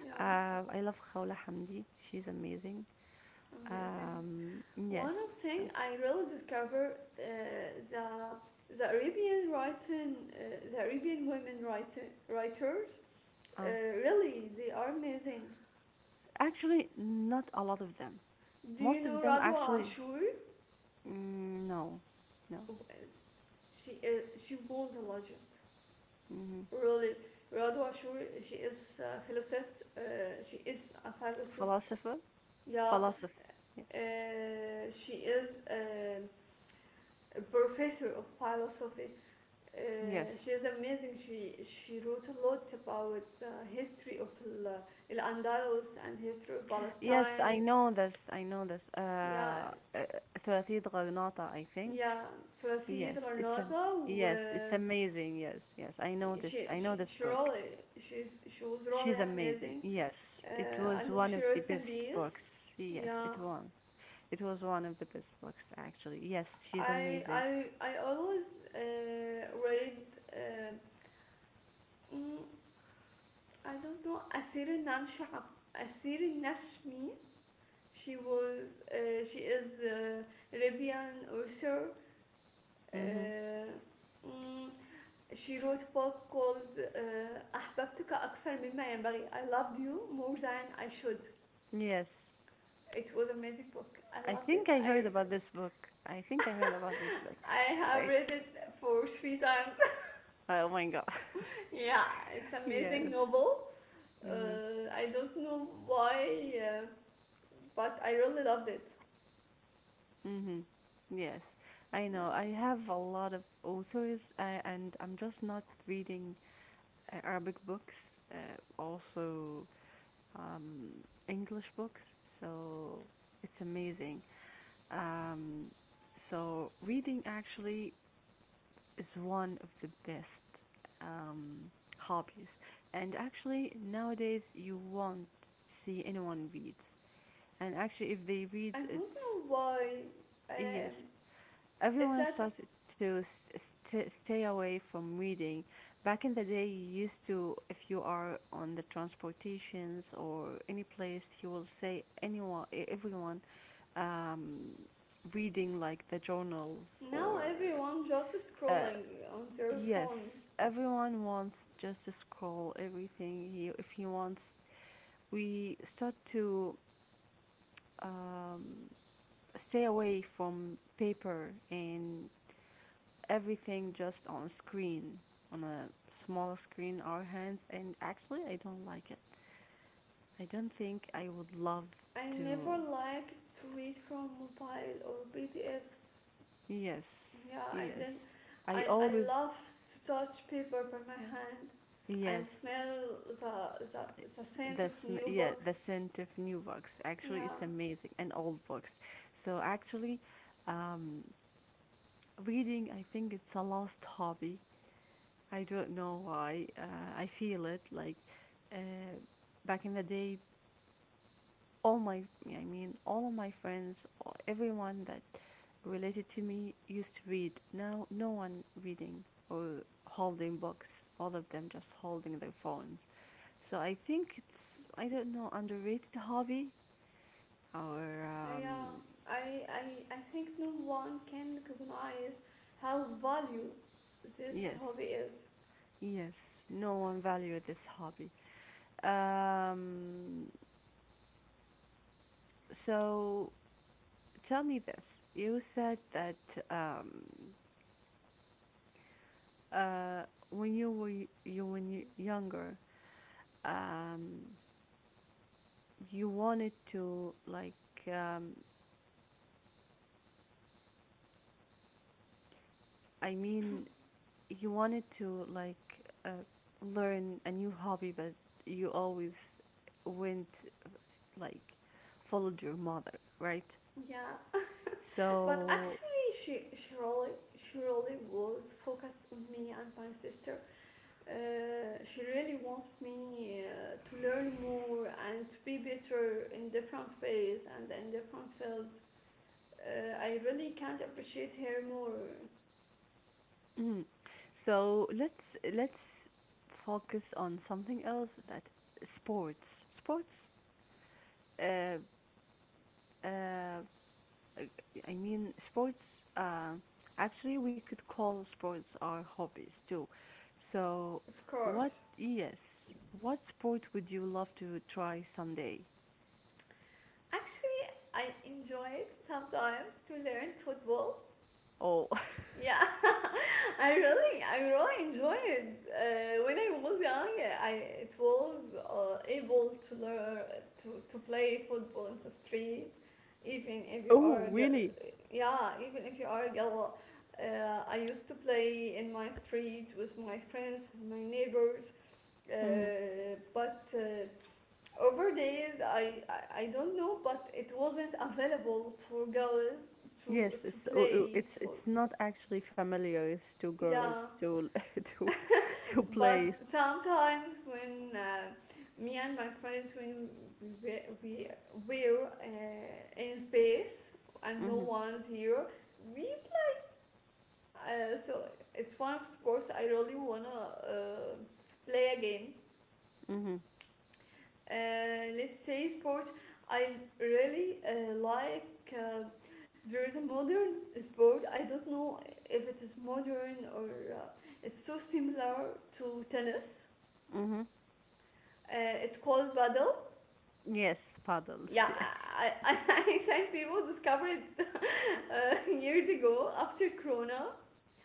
Speaker 2: Yeah.
Speaker 1: I love Khawla Hamdi. She's amazing.
Speaker 2: Amazing. One of
Speaker 1: Yes. So,
Speaker 2: thing I really discover, the Arabian writing, the Arabian women writing writers,
Speaker 1: uh,
Speaker 2: uh, really they are amazing.
Speaker 1: actually, not a lot of them.
Speaker 2: Do you
Speaker 1: Most of
Speaker 2: know
Speaker 1: them,
Speaker 2: Radwa
Speaker 1: actually,
Speaker 2: Ashur?
Speaker 1: no, no.
Speaker 2: She was a legend.
Speaker 1: Hmm.
Speaker 2: Really, Radwa Ashur, she is a philosopher. She is a philosopher.
Speaker 1: Philosopher,
Speaker 2: Yeah,
Speaker 1: philosopher. Yes.
Speaker 2: she is a professor of philosophy. She
Speaker 1: Yes.
Speaker 2: is amazing. She wrote a lot about, history of Al Andalus and history of
Speaker 1: Yes, I
Speaker 2: Palestine.
Speaker 1: know this. I know this.
Speaker 2: Yeah,
Speaker 1: ثلاثية غرناطة, I think.
Speaker 2: yeah. ثلاثية
Speaker 1: Yes, it's a
Speaker 2: غرناطة و
Speaker 1: yes, it's amazing. Yes, yes, I know
Speaker 2: she
Speaker 1: this. I
Speaker 2: she
Speaker 1: know this
Speaker 2: she
Speaker 1: book.
Speaker 2: really she was really
Speaker 1: She's amazing.
Speaker 2: amazing.
Speaker 1: Yes, it
Speaker 2: I
Speaker 1: was
Speaker 2: hope
Speaker 1: one
Speaker 2: she
Speaker 1: of the
Speaker 2: rests in
Speaker 1: best
Speaker 2: peace.
Speaker 1: books. Yes,
Speaker 2: Yeah,
Speaker 1: it won. It was one of the best books actually. Yes, she's
Speaker 2: I
Speaker 1: amazing.
Speaker 2: I I always, read. Uh, mm, I don't know. أسير النعم شعب. أسير النشمي. She is a Arabian author.
Speaker 1: Mhm.
Speaker 2: Uh, mm, she wrote a book called, أحببتك أكثر مما ينبغي. I loved you more than I should.
Speaker 1: Yes.
Speaker 2: It was an amazing book. I
Speaker 1: I
Speaker 2: loved
Speaker 1: think
Speaker 2: it.
Speaker 1: I heard
Speaker 2: I
Speaker 1: about this book. I think I heard about this book.
Speaker 2: I have
Speaker 1: Right?
Speaker 2: read it for three times.
Speaker 1: Oh my God.
Speaker 2: Yeah, it's an amazing
Speaker 1: Yes.
Speaker 2: novel.
Speaker 1: Mhm.
Speaker 2: I don't know why, but I really loved it.
Speaker 1: Mhm. Yes. I
Speaker 2: Yeah,
Speaker 1: know. I have a lot of authors and I'm just not reading Arabic books, also um, English books. So it's amazing. Um, so reading actually is one of the best um, hobbies. And actually nowadays you won't see anyone reads. And actually, if they read,
Speaker 2: I don't know
Speaker 1: it's
Speaker 2: why. Um,
Speaker 1: yes,
Speaker 2: if
Speaker 1: everyone
Speaker 2: that
Speaker 1: started to s- st- stay away from reading. Back in the day, you used to, if you are on the transportations or any place, you will say anyone, e- everyone, um, reading like the journals
Speaker 2: Now
Speaker 1: or
Speaker 2: everyone just
Speaker 1: uh,
Speaker 2: scrolling on their phone.
Speaker 1: yes, everyone wants just to scroll everything. He, if he wants, we start to um, stay away from paper and everything just on screen, on a smaller screen, our hands, and actually, I don't like it. I don't think I would love
Speaker 2: I never
Speaker 1: to.
Speaker 2: like to read from mobile or PDFs.
Speaker 1: Yes,
Speaker 2: Yeah, I did. Not
Speaker 1: yes. I
Speaker 2: I
Speaker 1: always
Speaker 2: love to touch paper by my hand and
Speaker 1: yes.
Speaker 2: smell the scent of
Speaker 1: That's
Speaker 2: new
Speaker 1: yeah. The
Speaker 2: books.
Speaker 1: scent of new books. Actually,
Speaker 2: Yeah,
Speaker 1: it's amazing and old books. So actually, um, reading. I think it's a lost hobby. I don't know why. I feel it like. Uh, Back in the day all my I mean all of my friends or everyone that related to me used to read now no one reading or holding books all of them just holding their phones so I think it's, I don't know, underrated hobby or
Speaker 2: yeah. I think no one can recognize how valuable this hobby
Speaker 1: yes
Speaker 2: is.
Speaker 1: yes no one value this hobby um, so tell me this you said that um, uh, when you were you when you younger um, you wanted to like um, I mean you wanted to like learn a new hobby but you always went like followed your mother right
Speaker 2: Yeah, but
Speaker 1: so
Speaker 2: actually, she really was focused on me and my sister. She really wants me, to learn more and to be better in different ways and in different fields. I really can't appreciate her more,
Speaker 1: mm, so let's focus on something else that sports sports uh, uh, i mean sports actually we could call sports our hobbies too. So,
Speaker 2: of course.
Speaker 1: what, yes, what sport would you love to try someday?
Speaker 2: Actually, I enjoy it sometimes to learn football.
Speaker 1: Oh,
Speaker 2: Yeah, I really enjoy it. When I was young, I it was, able to learn to play football in the street, even if you are
Speaker 1: Oh,
Speaker 2: a girl.
Speaker 1: really?
Speaker 2: Yeah, even if you are a girl, I used to play in my street with my friends and my neighbors.
Speaker 1: Mhm.
Speaker 2: But, over days, I don't know, but it wasn't available for girls to
Speaker 1: Yes,
Speaker 2: to
Speaker 1: it's o- o-
Speaker 2: play for.
Speaker 1: it's not actually familiar. It's two
Speaker 2: Yeah,
Speaker 1: girls to to to play.
Speaker 2: but sometimes when, me and my friends when we we we're in space and no
Speaker 1: Mm-hmm,
Speaker 2: one's here, we so it's one of sports I really wanna, uh, play again.
Speaker 1: mm-hmm,
Speaker 2: Let's say sports I really, like. There is a modern sport. I don't know if it is modern or, uh, it's so similar to tennis.
Speaker 1: mm-hmm.
Speaker 2: It's called paddle.
Speaker 1: Yes, paddles.
Speaker 2: Yeah,
Speaker 1: Yes.
Speaker 2: I think people discovered it, years ago after Corona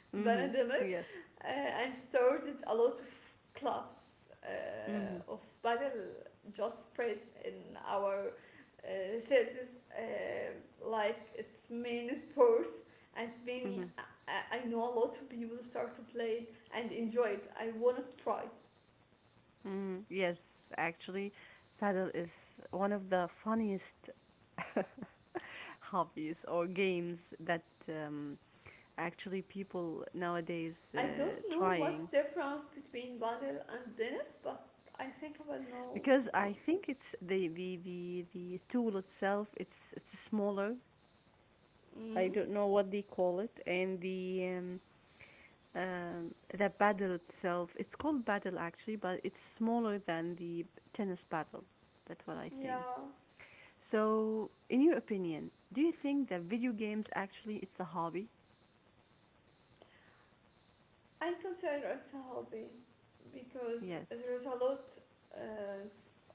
Speaker 1: Mm-hmm.
Speaker 2: pandemic,
Speaker 1: Yes.
Speaker 2: and started a lot of clubs,
Speaker 1: Mm-hmm,
Speaker 2: of paddle just spread in our, cities, like its main sport, and
Speaker 1: mm-hmm,
Speaker 2: many I know a lot of people start to play it and enjoy it. I want to try it.
Speaker 1: mm-hmm. Yes, actually, paddle is one of the funniest hobbies or games that actually people nowadays
Speaker 2: I don't know what's
Speaker 1: trying
Speaker 2: the difference between paddle and tennis, but I think I will
Speaker 1: because
Speaker 2: know.
Speaker 1: I think it's the tool itself. It's smaller. I
Speaker 2: Mm,
Speaker 1: don't know what they call it, and the paddle itself. It's called paddle actually, but it's smaller than the tennis paddle. That's what I think.
Speaker 2: yeah,
Speaker 1: So, in your opinion, do you think that video games actually it's a hobby?
Speaker 2: I consider it's a hobby because
Speaker 1: Yes.
Speaker 2: there's a lot, uh,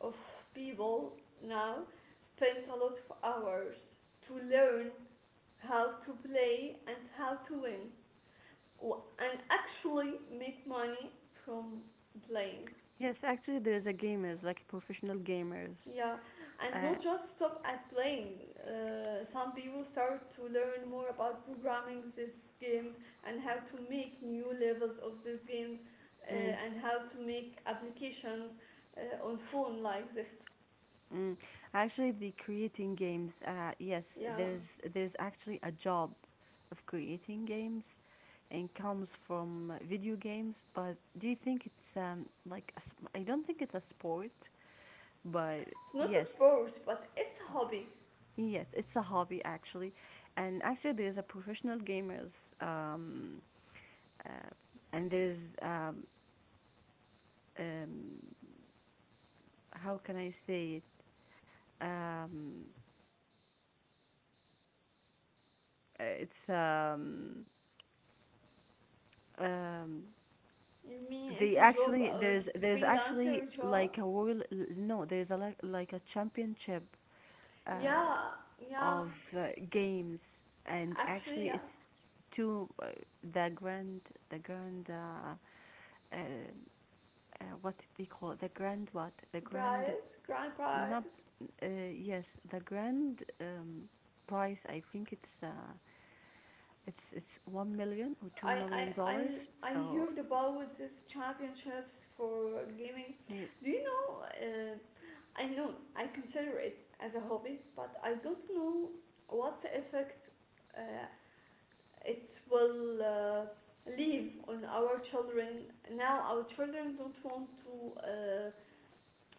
Speaker 2: of people now spend a lot of hours to learn how to play and how to win, and actually make money from playing.
Speaker 1: Yes, actually, there's a gamers like professional gamers.
Speaker 2: Yeah, and
Speaker 1: Uh,
Speaker 2: not just stop at playing. Some people start to learn more about programming these games and how to make new levels of this game,
Speaker 1: mm.
Speaker 2: and how to make applications, on phone like this.
Speaker 1: Mm. Actually, the creating games, yes,
Speaker 2: Yeah,
Speaker 1: there's actually a job of creating games, and comes from video games. But do you think it's like a sp- I don't think it's a sport, but
Speaker 2: it's not a
Speaker 1: yes,
Speaker 2: sport, but it's a hobby.
Speaker 1: yes, it's a hobby actually, and actually there's a professional gamers uh, and there's um how can I say it um it's um
Speaker 2: You mean it's
Speaker 1: they
Speaker 2: a job?
Speaker 1: actually there's
Speaker 2: It's a
Speaker 1: there's actually
Speaker 2: freelancer job?
Speaker 1: like a world no there's a like a championship uh,
Speaker 2: Yeah, yeah.
Speaker 1: of games and
Speaker 2: Actually,
Speaker 1: actually
Speaker 2: yeah.
Speaker 1: it's to the grand the grand uh, what they call it? The grand what the grand
Speaker 2: Prize, grand
Speaker 1: not
Speaker 2: prize.
Speaker 1: uh, yes the grand price I think it's one million or two
Speaker 2: I, I
Speaker 1: million
Speaker 2: I
Speaker 1: dollars
Speaker 2: I
Speaker 1: so
Speaker 2: heard about these championships for gaming.
Speaker 1: yeah.
Speaker 2: Do you know? I know I consider it as a hobby, but I don't know what's the effect, uh, it will, leave on our children. Now our children don't want to, uh,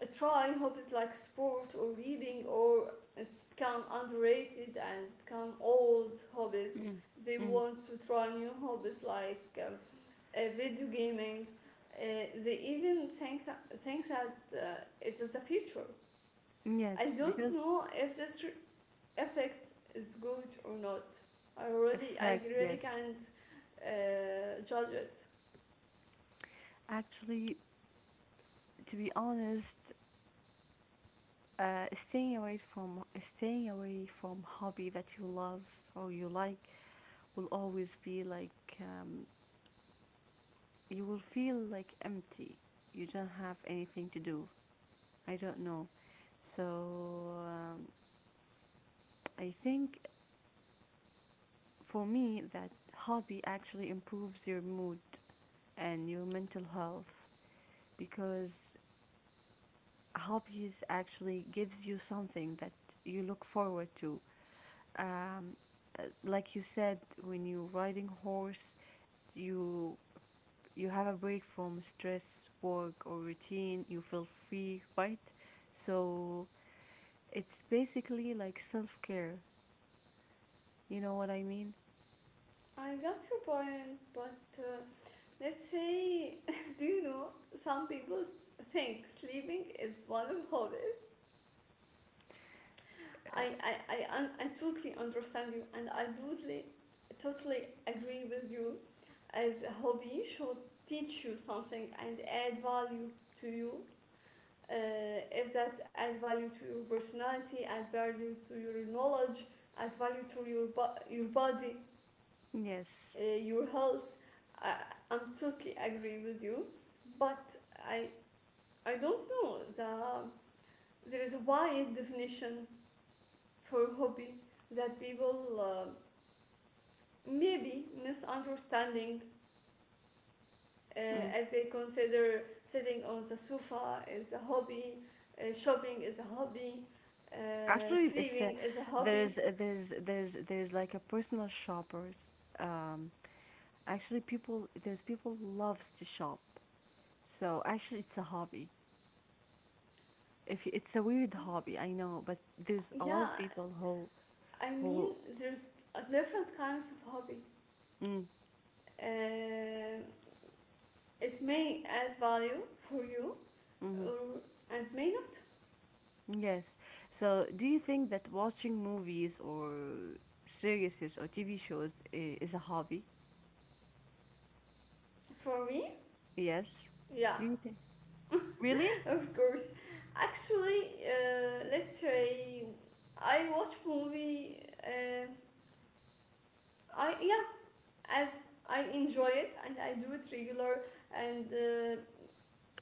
Speaker 2: try hobbies like sport or reading, or it's become underrated and become old hobbies.
Speaker 1: Mm.
Speaker 2: They
Speaker 1: Mm.
Speaker 2: want to try new hobbies like. Video gaming. They even think that, it is the future. I
Speaker 1: Yes,
Speaker 2: don't
Speaker 1: because
Speaker 2: know if this effect is good or not. I
Speaker 1: effect,
Speaker 2: really
Speaker 1: yes.
Speaker 2: can't, judge it.
Speaker 1: Actually, to be honest, staying away from hobby that you love or you like will always be like um, you will feel like empty. You don't have anything to do. I don't know. So I think for me that hobby actually improves your mood and your mental health because hobbies actually gives you something that you look forward to um, like you said, when you're riding horse, you you have a break from stress, work, or routine. You feel free, right? So it's basically like self care. You know what I mean?
Speaker 2: I got your point, but, let's say, do you know some people think sleeping is one of hobbies? I totally understand you and I totally, totally agree with you. As a hobby should teach you something and add value to you. Uh, if that add value to your personality, add value to your knowledge, add value to your body,
Speaker 1: Yes.
Speaker 2: your health, I, I'm totally agree with you. But I, I don't know. There is a wide definition for hobby that people. Maybe misunderstanding,
Speaker 1: Mm.
Speaker 2: as they consider sitting on the sofa is a hobby, shopping is a hobby,
Speaker 1: Actually, it's a
Speaker 2: sleeping is a hobby.
Speaker 1: there's like a personal shoppers. Actually, people there's people loves to shop. So actually, it's a hobby. If it's a weird hobby, I know, but there's a lot of
Speaker 2: Yeah,
Speaker 1: people
Speaker 2: I
Speaker 1: who
Speaker 2: mean, there's different kinds of hobby.
Speaker 1: mm,
Speaker 2: Uh, it may add value for you
Speaker 1: hmm
Speaker 2: or, and may not.
Speaker 1: yes. So, do you think that watching movies or series or TV shows I- is a hobby?
Speaker 2: For me,
Speaker 1: Yes.
Speaker 2: yeah,
Speaker 1: Do you think really?
Speaker 2: of course. Actually, let's say I watch movie. I, yeah. As I enjoy it and I do it regular and uh,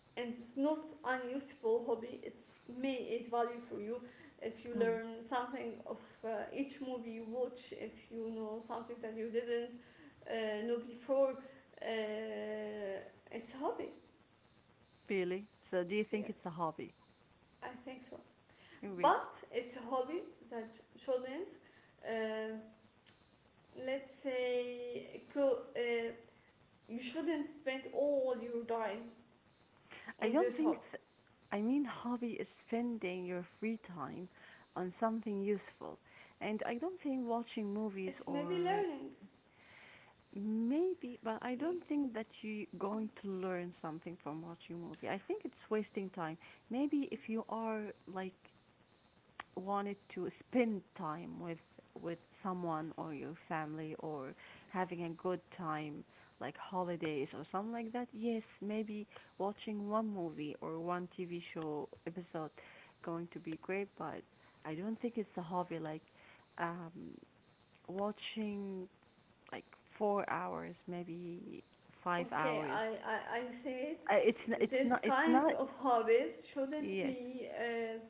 Speaker 2: and it's not unuseful hobby. It's may add value for you if you
Speaker 1: Mm,
Speaker 2: learn something of each movie you watch. If you know something that you didn't know before, it's a hobby.
Speaker 1: really? So, do you
Speaker 2: Yeah,
Speaker 1: think it's a hobby?
Speaker 2: I think so.
Speaker 1: Really?
Speaker 2: But it's a hobby that shouldn't. Uh, let's say go, you shouldn't spend all your time on
Speaker 1: I
Speaker 2: this
Speaker 1: don't think.
Speaker 2: hobby.
Speaker 1: S I mean, hobby is spending your free time on something useful, and I don't think watching movies
Speaker 2: It's maybe
Speaker 1: or
Speaker 2: learning.
Speaker 1: maybe, but I
Speaker 2: Mm,
Speaker 1: don't think that you're going to learn something from watching a movie. I think it's wasting time. Maybe if you are like wanted to spend time with someone or your family or having a good time like holidays or something like that, yes, maybe watching one movie or one TV show episode going to be great, but I don't think it's a hobby like um, watching like 4 hours, maybe five
Speaker 2: Okay,
Speaker 1: hours.
Speaker 2: I, I said
Speaker 1: I, it's n-
Speaker 2: these
Speaker 1: it's
Speaker 2: kinds
Speaker 1: not
Speaker 2: of hobbies shouldn't
Speaker 1: yes.
Speaker 2: be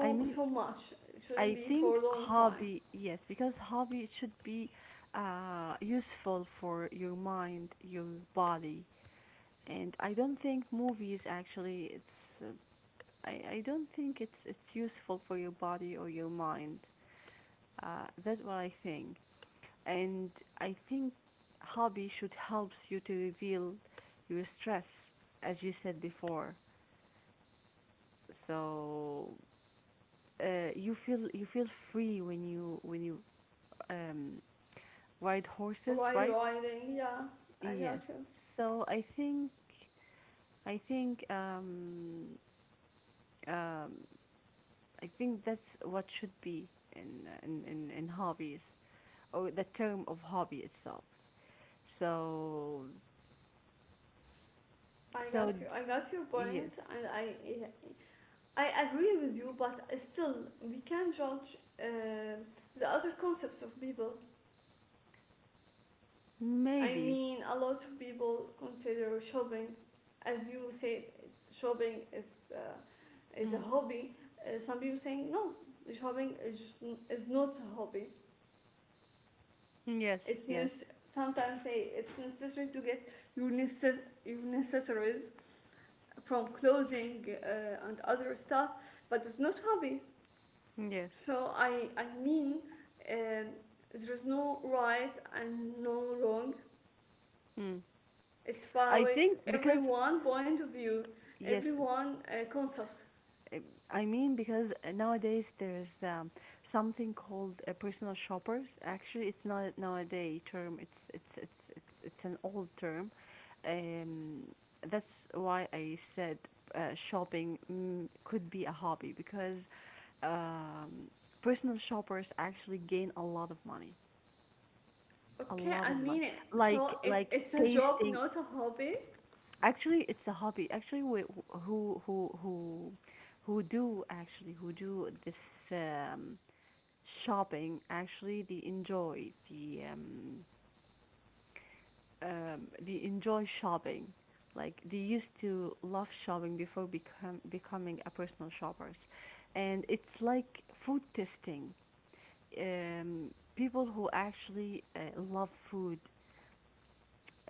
Speaker 1: I mean,
Speaker 2: so much. It shouldn't
Speaker 1: I
Speaker 2: be
Speaker 1: think
Speaker 2: for a long time.
Speaker 1: hobby yes because hobby it should be useful for your mind, your body, and I don't think movies actually it's uh, I don't think it's useful for your body or your mind. That's what I think. And I think hobby should help you to reveal your stress, as you said before. So you feel free when you um, ride horses,
Speaker 2: While
Speaker 1: right?
Speaker 2: riding, yeah, I got
Speaker 1: Yes.
Speaker 2: you.
Speaker 1: So I think I think um, I think that's what should be in hobbies or the term of hobby itself. So
Speaker 2: I
Speaker 1: so
Speaker 2: got you.
Speaker 1: d-
Speaker 2: I got your point,
Speaker 1: yes,
Speaker 2: and I agree with you. But still, we can judge uh, the other concepts of people. I
Speaker 1: maybe.
Speaker 2: mean, a lot of people consider shopping, as you said, shopping is a
Speaker 1: Mm.
Speaker 2: hobby. Some people saying no, shopping is not a hobby.
Speaker 1: Yes,
Speaker 2: It's
Speaker 1: yes,
Speaker 2: sometimes say it's necessary to get your your necessaries from clothing and other stuff, but it's not hobby.
Speaker 1: yes.
Speaker 2: So I mean, um, there is no right and no wrong.
Speaker 1: Mm.
Speaker 2: It's
Speaker 1: I
Speaker 2: about
Speaker 1: think because
Speaker 2: everyone point of view,
Speaker 1: yes,
Speaker 2: everyone concept.
Speaker 1: uh, I mean because nowadays there is something called personal shoppers. Actually, it's not nowadays term. It's an old term. Um, that's why I said shopping could be a hobby because um, personal shoppers actually gain a lot of money. A
Speaker 2: Okay,
Speaker 1: lot
Speaker 2: I
Speaker 1: of money,
Speaker 2: mean it. So
Speaker 1: like
Speaker 2: it's a job,
Speaker 1: tasting.
Speaker 2: not a hobby.
Speaker 1: Actually, it's a hobby. Actually, we, who who do actually who do this shopping actually they enjoy the they enjoy shopping. Like they used to love shopping before become becoming a personal shoppers, and it's like food testing. People who actually love food,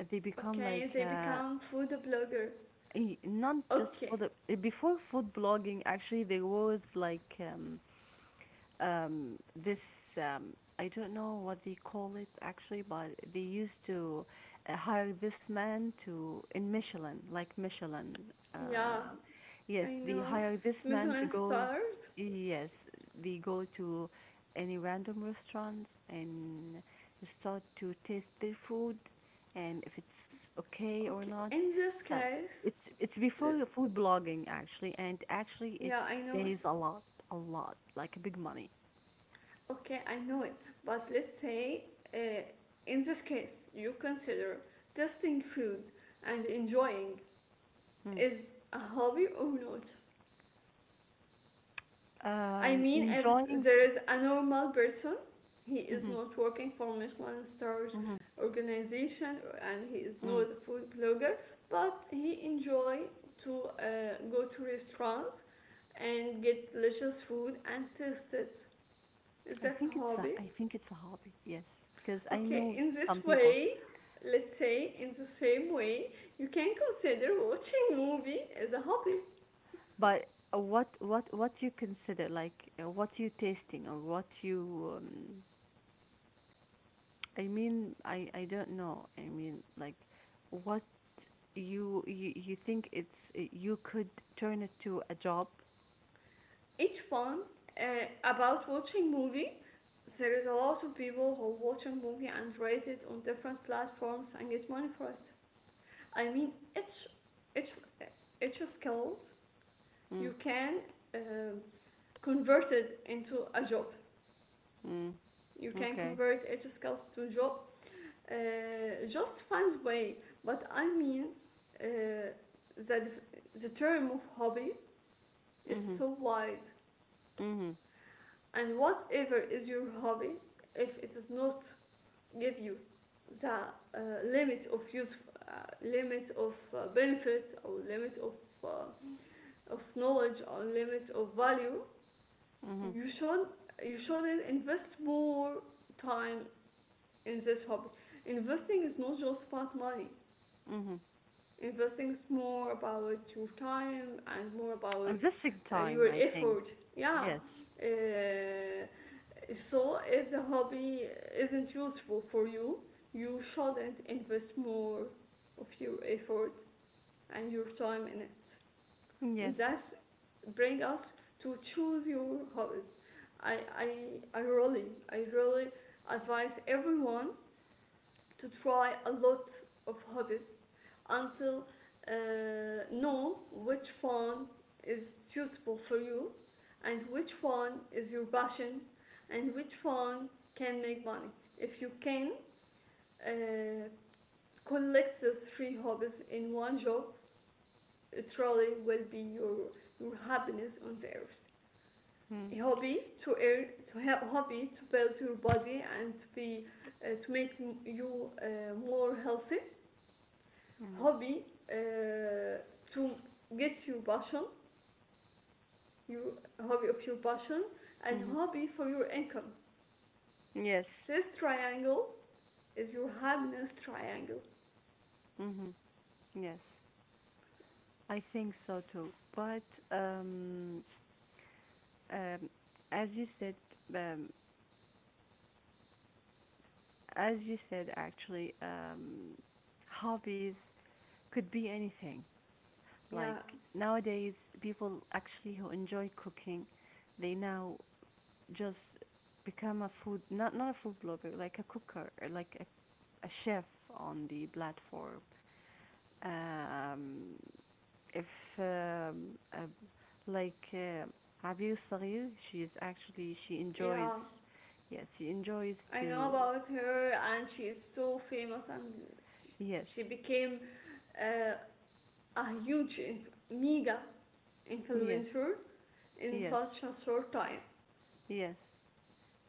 Speaker 1: they become
Speaker 2: Okay,
Speaker 1: like
Speaker 2: they become food blogger.
Speaker 1: not just
Speaker 2: Okay,
Speaker 1: for the before food blogging actually there was like this I don't know what they call it actually, but they used to hire this man to in Michelin, like Michelin.
Speaker 2: yeah,
Speaker 1: Uh,
Speaker 2: I
Speaker 1: yes, they
Speaker 2: know.
Speaker 1: hire
Speaker 2: It's
Speaker 1: this man
Speaker 2: Michelin
Speaker 1: to go.
Speaker 2: stars.
Speaker 1: Yes, they go to any random restaurants and start to taste their food, and if it's okay or
Speaker 2: Okay,
Speaker 1: not.
Speaker 2: in this
Speaker 1: So
Speaker 2: case,
Speaker 1: it's before the food blogging actually, and actually
Speaker 2: yeah,
Speaker 1: it
Speaker 2: I know it.
Speaker 1: pays a lot, like a big money.
Speaker 2: Okay, I know it. But let's say, uh, in this case, you consider testing food and enjoying
Speaker 1: Mm.
Speaker 2: is a hobby or not? I mean, if
Speaker 1: Enjoying f-.
Speaker 2: there is a normal person, he is
Speaker 1: Mhm,
Speaker 2: not working for Michelin star
Speaker 1: mhm,
Speaker 2: organization and he is
Speaker 1: mm.
Speaker 2: not a food blogger, but he enjoy to go to restaurants and get delicious food and taste it. Is
Speaker 1: I
Speaker 2: that
Speaker 1: think
Speaker 2: a
Speaker 1: it's a
Speaker 2: hobby?
Speaker 1: I think it's a hobby, yes, because I
Speaker 2: Okay,
Speaker 1: know
Speaker 2: in this
Speaker 1: some people.
Speaker 2: way, let's say in the same way, you can consider watching movie as a hobby.
Speaker 1: But what you consider like what you tasting or what you I mean, I don't know, I mean, like what you think it's you could turn it to a job.
Speaker 2: Each one uh, about watching movie, there is a lot of people who watch a movie and rate it on different platforms and get money for it. I mean, each each each skills
Speaker 1: Mm,
Speaker 2: you can um convert it into a job,
Speaker 1: mm,
Speaker 2: you can
Speaker 1: okay.
Speaker 2: convert each skills to job, just fans way. But I mean, uh, that the term of hobby is
Speaker 1: Mm-hmm,
Speaker 2: so wide,
Speaker 1: mm-hmm,
Speaker 2: and whatever is your hobby, if it is not give you the limit of use, uh, limit of benefit, or limit uh, of knowledge, or limit of value,
Speaker 1: mm-hmm,
Speaker 2: you should you shouldn't invest more time in this hobby. Investing is not just about money.
Speaker 1: mm-hmm.
Speaker 2: Investing is more about your time and more about
Speaker 1: Investing
Speaker 2: your
Speaker 1: time, I
Speaker 2: effort.
Speaker 1: think.
Speaker 2: Yeah.
Speaker 1: Yes.
Speaker 2: Uh, So, if the hobby isn't useful for you, you shouldn't invest more of your effort and your time in it. And
Speaker 1: Yes.
Speaker 2: that brings us to choose your hobbies. I, I, I really, I really advise everyone to try a lot of hobbies until know which one is suitable for you and which one is your passion and which one can make money. If you can uh, collect those three hobbies in one job, it really will be your happiness on the earth. A hobby to earn, to have hobby to build your body and to be to make you more healthy.
Speaker 1: Mm-hmm.
Speaker 2: Hobby uh, to get your passion, your hobby of your passion, and
Speaker 1: Mm-hmm.
Speaker 2: hobby for your income.
Speaker 1: Yes.
Speaker 2: This triangle is your happiness triangle.
Speaker 1: Mm-hmm. Yes. I think so too. But um, um, as you said, um, as you said, actually, hobbies could be anything.
Speaker 2: Yeah,
Speaker 1: Like nowadays, people actually who enjoy cooking, they now just become a food, not a food blogger, like a cooker, or like a chef on the platform. Um, if Like Abiu Saghir, she is actually she enjoys.
Speaker 2: yeah.
Speaker 1: Yes, she enjoys
Speaker 2: I know
Speaker 1: to.
Speaker 2: about her, and she is so famous, and she-
Speaker 1: Yes,
Speaker 2: became uh, a huge, mega
Speaker 1: yes,
Speaker 2: influencer in
Speaker 1: yes,
Speaker 2: such a short time.
Speaker 1: yes,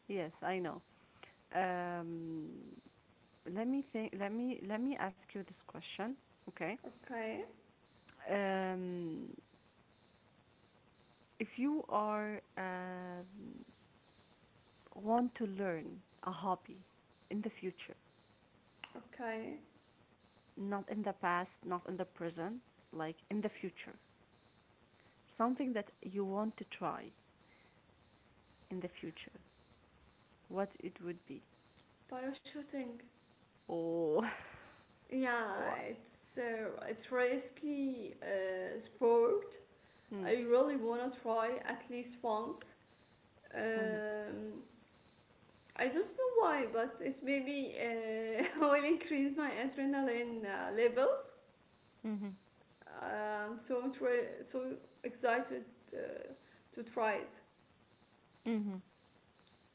Speaker 1: yes, I know. um, Let me think, let me ask you this question, okay?
Speaker 2: Okay,
Speaker 1: um, if you are want to learn a hobby in the future,
Speaker 2: okay.
Speaker 1: not in the past, not in the present, like in the future, something that you want to try in the future, what it would be?
Speaker 2: Parachuting.
Speaker 1: Oh,
Speaker 2: Yeah, it's risky sport.
Speaker 1: mm,
Speaker 2: I really wanna try at least once.
Speaker 1: mhm,
Speaker 2: Um, I don't know why, but it maybe will increase my adrenaline levels.
Speaker 1: mhm,
Speaker 2: So I'm so excited uh, to try it.
Speaker 1: mhm.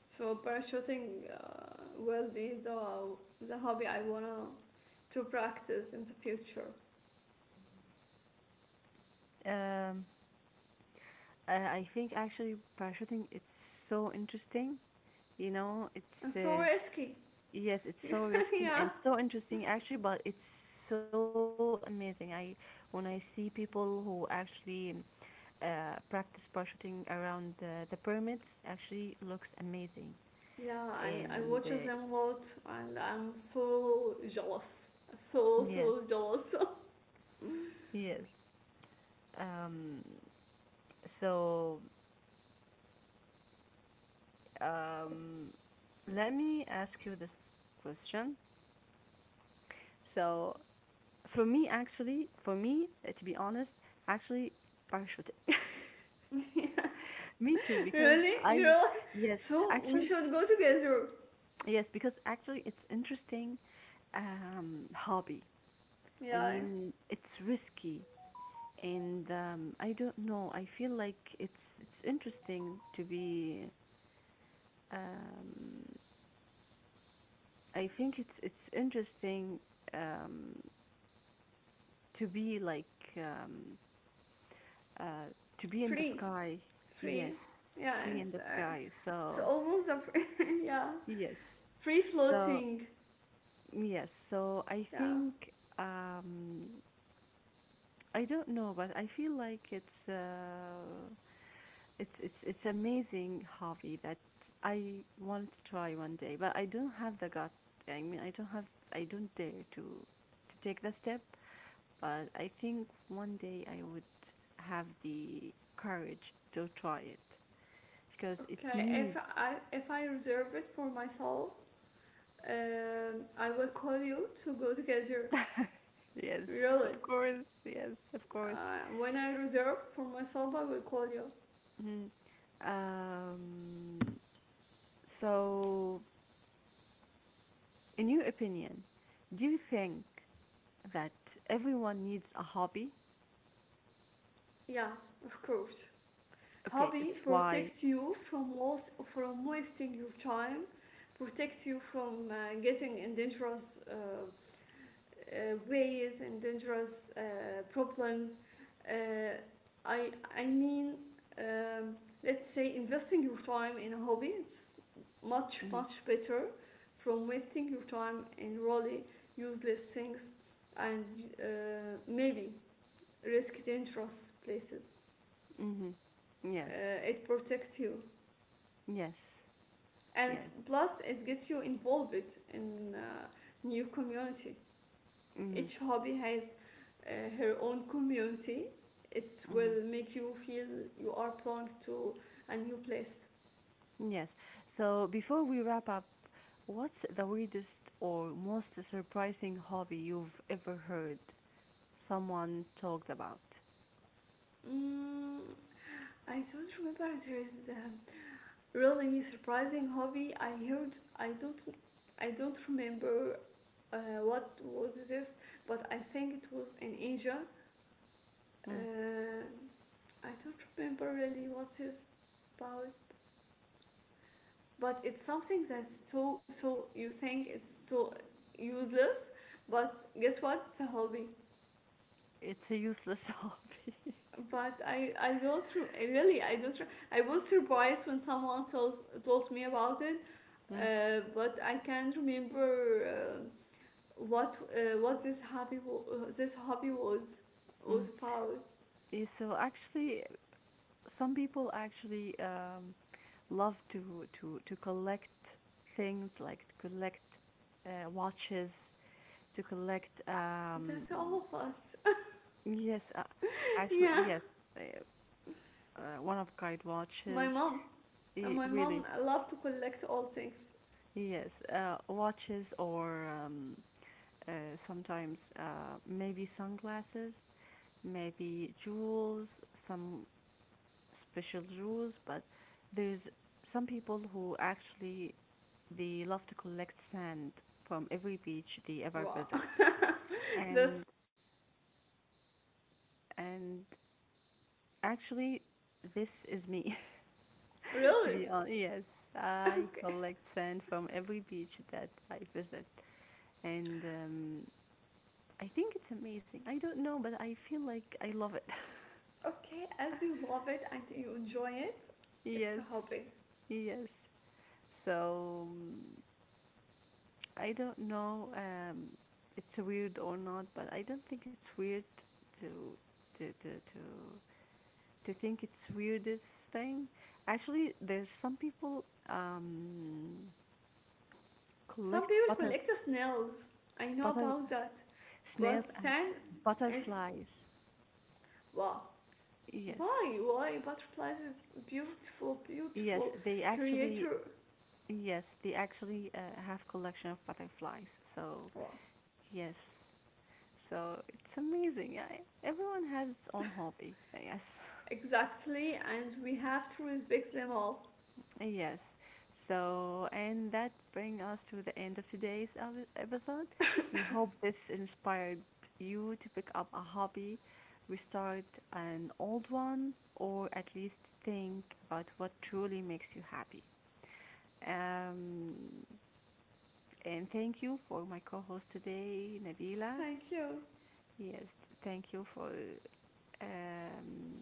Speaker 2: So parachuting will be the hobby I wanna to practice in the future.
Speaker 1: Um, I think actually parachuting it's so interesting. You know,
Speaker 2: And
Speaker 1: it's
Speaker 2: so
Speaker 1: s-.
Speaker 2: risky.
Speaker 1: Yes, it's so risky
Speaker 2: Yeah,
Speaker 1: and so interesting actually, but it's so amazing. I when I see people who actually practice parachuting around the pyramids, actually looks amazing.
Speaker 2: yeah. I watch
Speaker 1: And
Speaker 2: them a lot, and I'm so jealous. So
Speaker 1: yes,
Speaker 2: jealous.
Speaker 1: yes. Um, So um, Let me ask you this question. So for me, actually, for me, to be honest, actually, parachuting.
Speaker 2: Yeah.
Speaker 1: Me too, because
Speaker 2: Really, you
Speaker 1: I,
Speaker 2: know.
Speaker 1: yes,
Speaker 2: So we
Speaker 1: actually,
Speaker 2: should go together.
Speaker 1: yes, because actually, it's interesting hobby. I
Speaker 2: Yeah,
Speaker 1: mean, it's risky, and I don't know. I feel like it's interesting to be. Um, I think it's interesting. Um, to be like uh, to be in the
Speaker 2: free,
Speaker 1: sky.
Speaker 2: free.
Speaker 1: Yes,
Speaker 2: Yeah,
Speaker 1: free in the sky,
Speaker 2: it's
Speaker 1: so
Speaker 2: almost a free, yeah,
Speaker 1: yes,
Speaker 2: free
Speaker 1: so
Speaker 2: floating.
Speaker 1: yes, so I
Speaker 2: Yeah.
Speaker 1: think um, I don't know, but I feel like it's it's amazing hobby that I want to try one day, but I don't have the gut. I mean, I don't have, I don't dare to take the step, but I think one day I would have the courage to try it because it
Speaker 2: Okay. If
Speaker 1: needs.
Speaker 2: I if I reserve it for myself, I will call you to go together.
Speaker 1: Yes,
Speaker 2: Really.
Speaker 1: of course. Yes, of course.
Speaker 2: When I reserve for myself, I will call you.
Speaker 1: Mhm. Um, so, in your opinion, do you think that everyone needs a hobby?
Speaker 2: Yeah, of course.
Speaker 1: Okay,
Speaker 2: Hobby
Speaker 1: it's why.
Speaker 2: protects you from loss, from wasting your time, protects you from getting in dangerous ways and dangerous problems. Uh, I I mean, um, let's say investing your time in a hobby, it's much
Speaker 1: Mm-hmm.
Speaker 2: much better from wasting your time in really useless things and maybe risk dangerous places.
Speaker 1: Mm-hmm. Yes.
Speaker 2: It protects you,
Speaker 1: Yes.
Speaker 2: and
Speaker 1: Yes.
Speaker 2: plus it gets you involved in new community.
Speaker 1: Mm-hmm.
Speaker 2: Each hobby has uh, her own community. It
Speaker 1: Mm-hmm.
Speaker 2: will make you feel you are belong to a new place.
Speaker 1: Yes. So before we wrap up, what's the weirdest or most surprising hobby you've ever heard someone talked about?
Speaker 2: mm, I don't remember there is a really surprising hobby I heard. I don't remember what was this, but I think it was in Asia.
Speaker 1: Mm.
Speaker 2: uh, I don't remember really what is about, but it's something that's so you think it's so useless, but guess what, it's a hobby.
Speaker 1: It's a useless hobby.
Speaker 2: But I don't re- I really I don't re- I was surprised when someone tells told me about it.
Speaker 1: Mm.
Speaker 2: But I can't remember what this hobby this hobby was
Speaker 1: Mm.
Speaker 2: about.
Speaker 1: Yeah, so actually, some people actually love to, to collect things like to collect watches, to collect
Speaker 2: That's all of us.
Speaker 1: yes,
Speaker 2: Yeah,
Speaker 1: actually, yes. Uh, One of guide
Speaker 2: my
Speaker 1: watches,
Speaker 2: mom, and
Speaker 1: eh,
Speaker 2: my
Speaker 1: really,
Speaker 2: mom love to collect all things.
Speaker 1: yes. Watches or sometimes maybe sunglasses, maybe jewels, some special jewels. But there's some people who actually they love to collect sand from every beach they ever
Speaker 2: Wow.
Speaker 1: visit,
Speaker 2: That's
Speaker 1: and and actually, this is me. To
Speaker 2: really
Speaker 1: be honest, yes, I
Speaker 2: okay.
Speaker 1: collect sand from every beach that I visit, and I think it's amazing. I don't know, but I feel like I love it.
Speaker 2: Okay, as you love it and you enjoy it, it's a
Speaker 1: Yes,
Speaker 2: hobby.
Speaker 1: yes. So I don't know. It's weird or not, but I don't think it's weird to to to to to think it's weirdest thing. Actually, there's some people um,
Speaker 2: Some
Speaker 1: collect
Speaker 2: people
Speaker 1: butter,
Speaker 2: collect snails. I know
Speaker 1: butter.
Speaker 2: about that.
Speaker 1: Snails
Speaker 2: But
Speaker 1: and
Speaker 2: sand is
Speaker 1: butterflies.
Speaker 2: wow. Why?
Speaker 1: Yes.
Speaker 2: Why? Butterflies is beautiful,
Speaker 1: Yes,
Speaker 2: beautiful
Speaker 1: they actually,
Speaker 2: creature.
Speaker 1: yes, they actually have collection of butterflies. So,
Speaker 2: Wow.
Speaker 1: yes. So, it's amazing. Yeah, everyone has its own hobby. Yes.
Speaker 2: Exactly, and we have to respect them all.
Speaker 1: Yes. So, and that brings us to the end of today's episode. We hope this inspired you to pick up a hobby, restart an old one, or at least think about what truly makes you happy. Um, and thank you for my co host today, Navila.
Speaker 2: Thank you,
Speaker 1: Yes, thank you for um,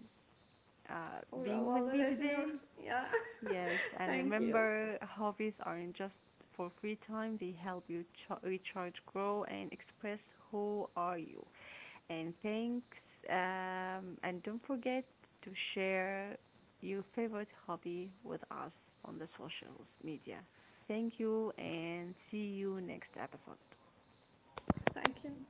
Speaker 2: or
Speaker 1: being
Speaker 2: our
Speaker 1: with me
Speaker 2: listener.
Speaker 1: today.
Speaker 2: Yeah,
Speaker 1: Yes, and
Speaker 2: thank you.
Speaker 1: remember, hobbies aren't just for free time, they help you recharge, grow, and express who are you. And thanks. And don't forget to share your favorite hobby with us on the socials media. Thank you and see you next episode.
Speaker 2: Thank you.